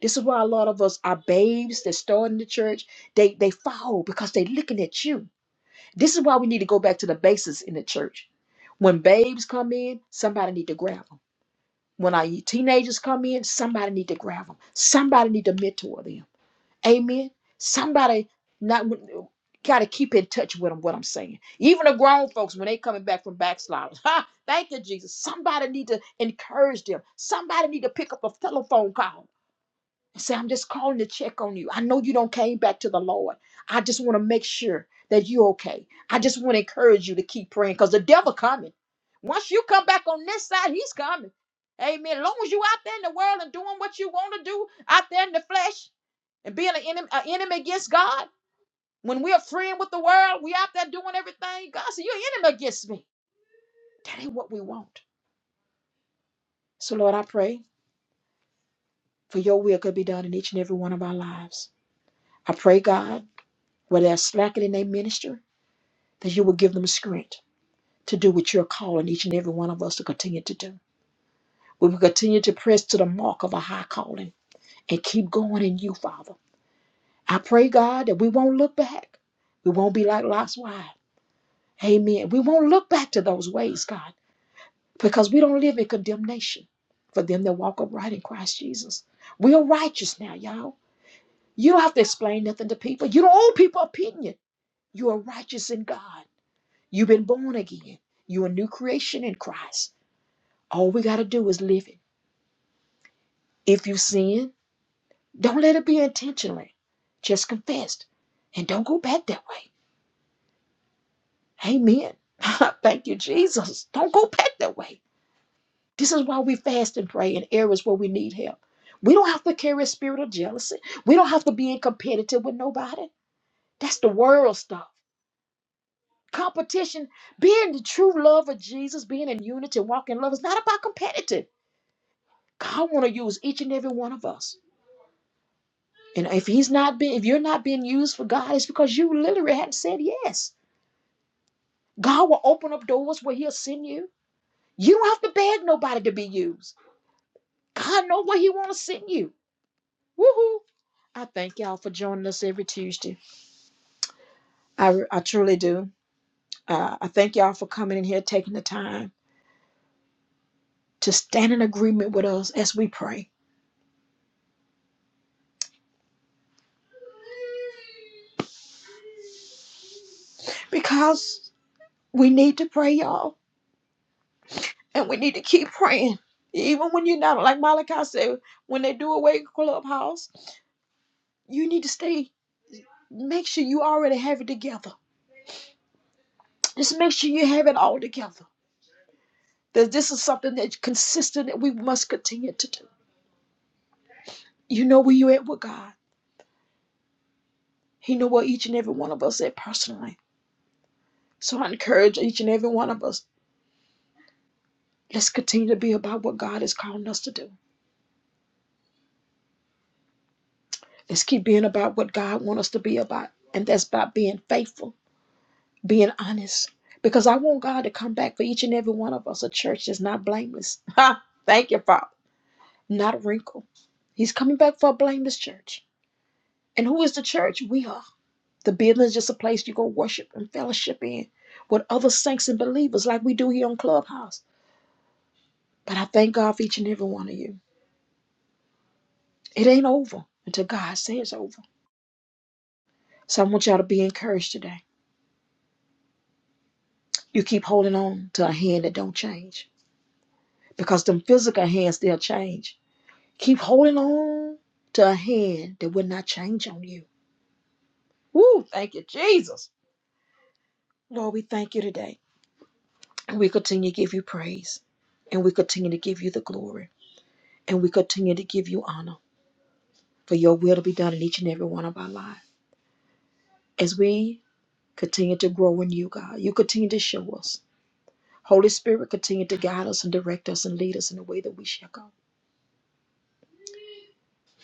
Speaker 1: This is why a lot of us are babes that start in the church. They they fall because they are looking at you. This is why we need to go back to the basics in the church. When babes come in, somebody need to grab them. When our teenagers come in, somebody need to grab them. Somebody need to mentor them. Amen. Somebody not got to keep in touch with them. What I'm saying, even the grown folks when they coming back from backsliders, ha, thank you Jesus. Somebody need to encourage them. Somebody need to pick up a telephone call. Say, I'm just calling to check on you. I know you don't came back to the Lord. I just want to make sure that you're okay. I just want to encourage you to keep praying because the devil coming. Once you come back on this side, he's coming. Amen. As long as you out there in the world and doing what you want to do out there in the flesh and being an enemy, an enemy against God, when we're friend with the world, we out there doing everything. God said, you're an enemy against me. That ain't what we want. So, Lord, I pray for your will could be done in each and every one of our lives. I pray, God. where they're slacking in their ministry, that you will give them strength to do what you're calling each and every one of us to continue to do. We will continue to press to the mark of a high calling and keep going in you, Father. I pray, God, that we won't look back. We won't be like Lot's wife. Amen. We won't look back to those ways, God, because we don't live in condemnation for them that walk upright in Christ Jesus. We are righteous now, y'all. You don't have to explain nothing to people. You don't owe people opinion. You are righteous in God. You've been born again. You're a new creation in Christ. All we got to do is live it. If you sin, don't let it be intentionally. Just confess it and don't go back that way. Amen. Thank you, Jesus. Don't go back that way. This is why we fast and pray in areas where we need help. We don't have to carry a spirit of jealousy. We don't have to be in competitive with nobody. That's the world stuff. Competition, being the true love of Jesus, being in unity, walking in love, is not about competitive. God want to use each and every one of us. And if he's not being, if you're not being used for God, it's because you literally hadn't said yes. God will open up doors where He'll send you. You don't have to beg nobody to be used. God knows where He want to send you. Woohoo! I thank y'all for joining us every Tuesday. I, I truly do. Uh, I thank y'all for coming in here, taking the time to stand in agreement with us as we pray. Because we need to pray, y'all. And we need to keep praying. Even when you're not, like Malachi said, when they do away with clubhouse, you need to stay. Make sure you already have it together. Just make sure you have it all together. That this is something that's consistent that we must continue to do. You know where you're at with God. He know where each and every one of us at personally. So I encourage each and every one of us. Let's continue to be about what God is calling us to do. Let's keep being about what God wants us to be about. And that's about being faithful being honest because I want God to come back for each and every one of us, a church that's not blameless. Ha! Thank you, Father. Not a wrinkle. He's coming back for a blameless church. And who is the church? We are. The building is just a place you go worship and fellowship in with other saints and believers like we do here on Clubhouse. But I thank God for each and every one of you. It ain't over until God says over. So I want y'all to be encouraged today. You keep holding on to a hand that don't change because them physical hands, they'll change Keep holding on to a hand that will not change on you. Woo, thank you, Jesus. Lord, we thank you today. And we continue to give you praise. And we continue to give you the glory. And we continue to give you honor for your will to be done in each and every one of our lives. As we continue to grow in you, God, you continue to show us. Holy Spirit, continue to guide us and direct us and lead us in the way that we shall go.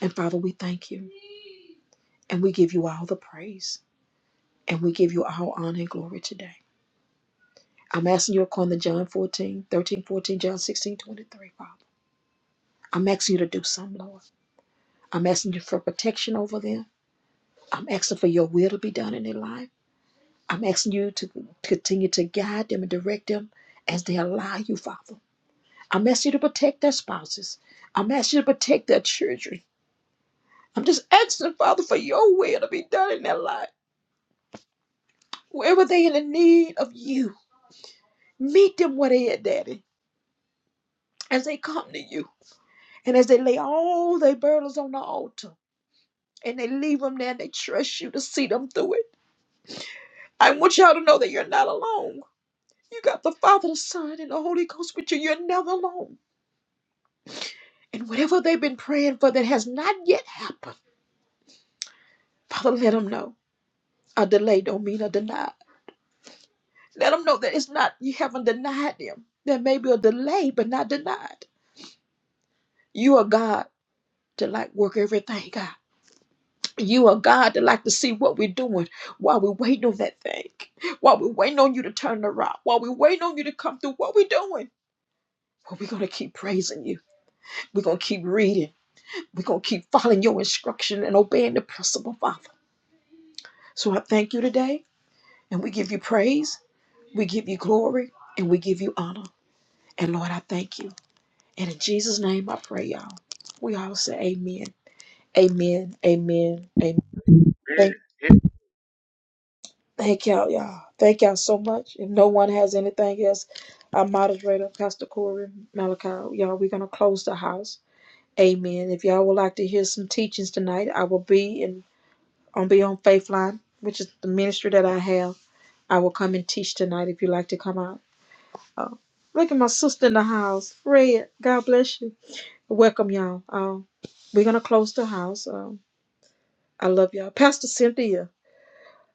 Speaker 1: And Father, we thank you. And we give you all the praise. And we give you all honor and glory today. I'm asking you according to John 14, thirteen, 14, John 16:23, Father. I'm asking you to do something, Lord. I'm asking you for protection over them. I'm asking for your will to be done in their life. I'm asking you to continue to guide them and direct them as they allow you, Father. I'm asking you to protect their spouses. I'm asking you to protect their children. I'm just asking, Father, for your will to be done in their life. Wherever they in the need of you, meet them where they at, Daddy, as they come to you and as they lay all their burdens on the altar. and they leave them there and they trust you to see them through it. I want y'all to know that you're not alone. You got the Father, the Son, and the Holy Ghost with you. You're never alone. And whatever they've been praying for that has not yet happened, Father, let them know. A delay don't mean a deny. Let them know that it's not you haven't denied them. There may be a delay, but not denied. You are God to like work everything out. You are God to like to see what we're doing while we're waiting on that thing, while we're waiting on you to turn around, while we're waiting on you to come through what we're doing. But we're going to keep praising you. We're going to keep reading. We're going to keep following your instruction and obeying the principle, Father. So I thank you today, and we give you praise, we give you glory, and we give you honor. And Lord, I thank you. And in Jesus' name, I pray, y'all. We all say amen. Amen. Amen. Amen. Thank, thank y'all, y'all. Thank y'all so much. If no one has anything else, our moderator, Pastor Corey, Malachi, y'all, we're going to close the house. Amen. If y'all would like to hear some teachings tonight, I will be in on Beyond Faith Line, which is the ministry that I have. I will come and teach tonight if you like to come out. Oh, look at my sister in the house. Red, God bless you. Welcome, y'all. Um, we're going to close the house. Um, I love y'all. Pastor Cynthia.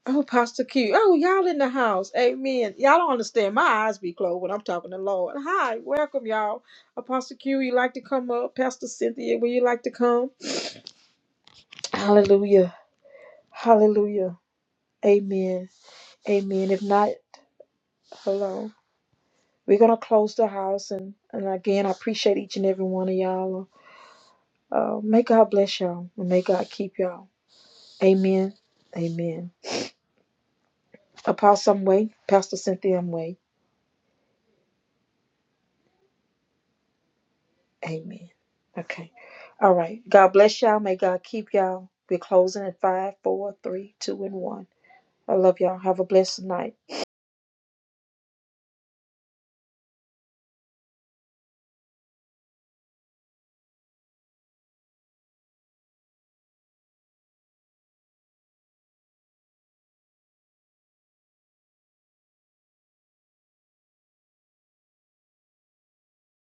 Speaker 1: Oh, Pastor Q. Oh, y'all in the house. Amen. Y'all don't understand. My eyes be closed when I'm talking to the Lord. Hi, welcome, y'all. Apostle Q, you like to come up? Pastor Cynthia, would you like to come? Hallelujah. Hallelujah. Amen. Amen. If not, hello. We're gonna close the house and, and again I appreciate each and every one of y'all. Uh, may God bless y'all and may God keep y'all. Amen. Amen. Apostle Way, Pastor Cynthia Way. Amen. Okay. All right. God bless y'all. May God keep y'all. We're closing at five, four, three, two, and one. I love y'all. Have a blessed night.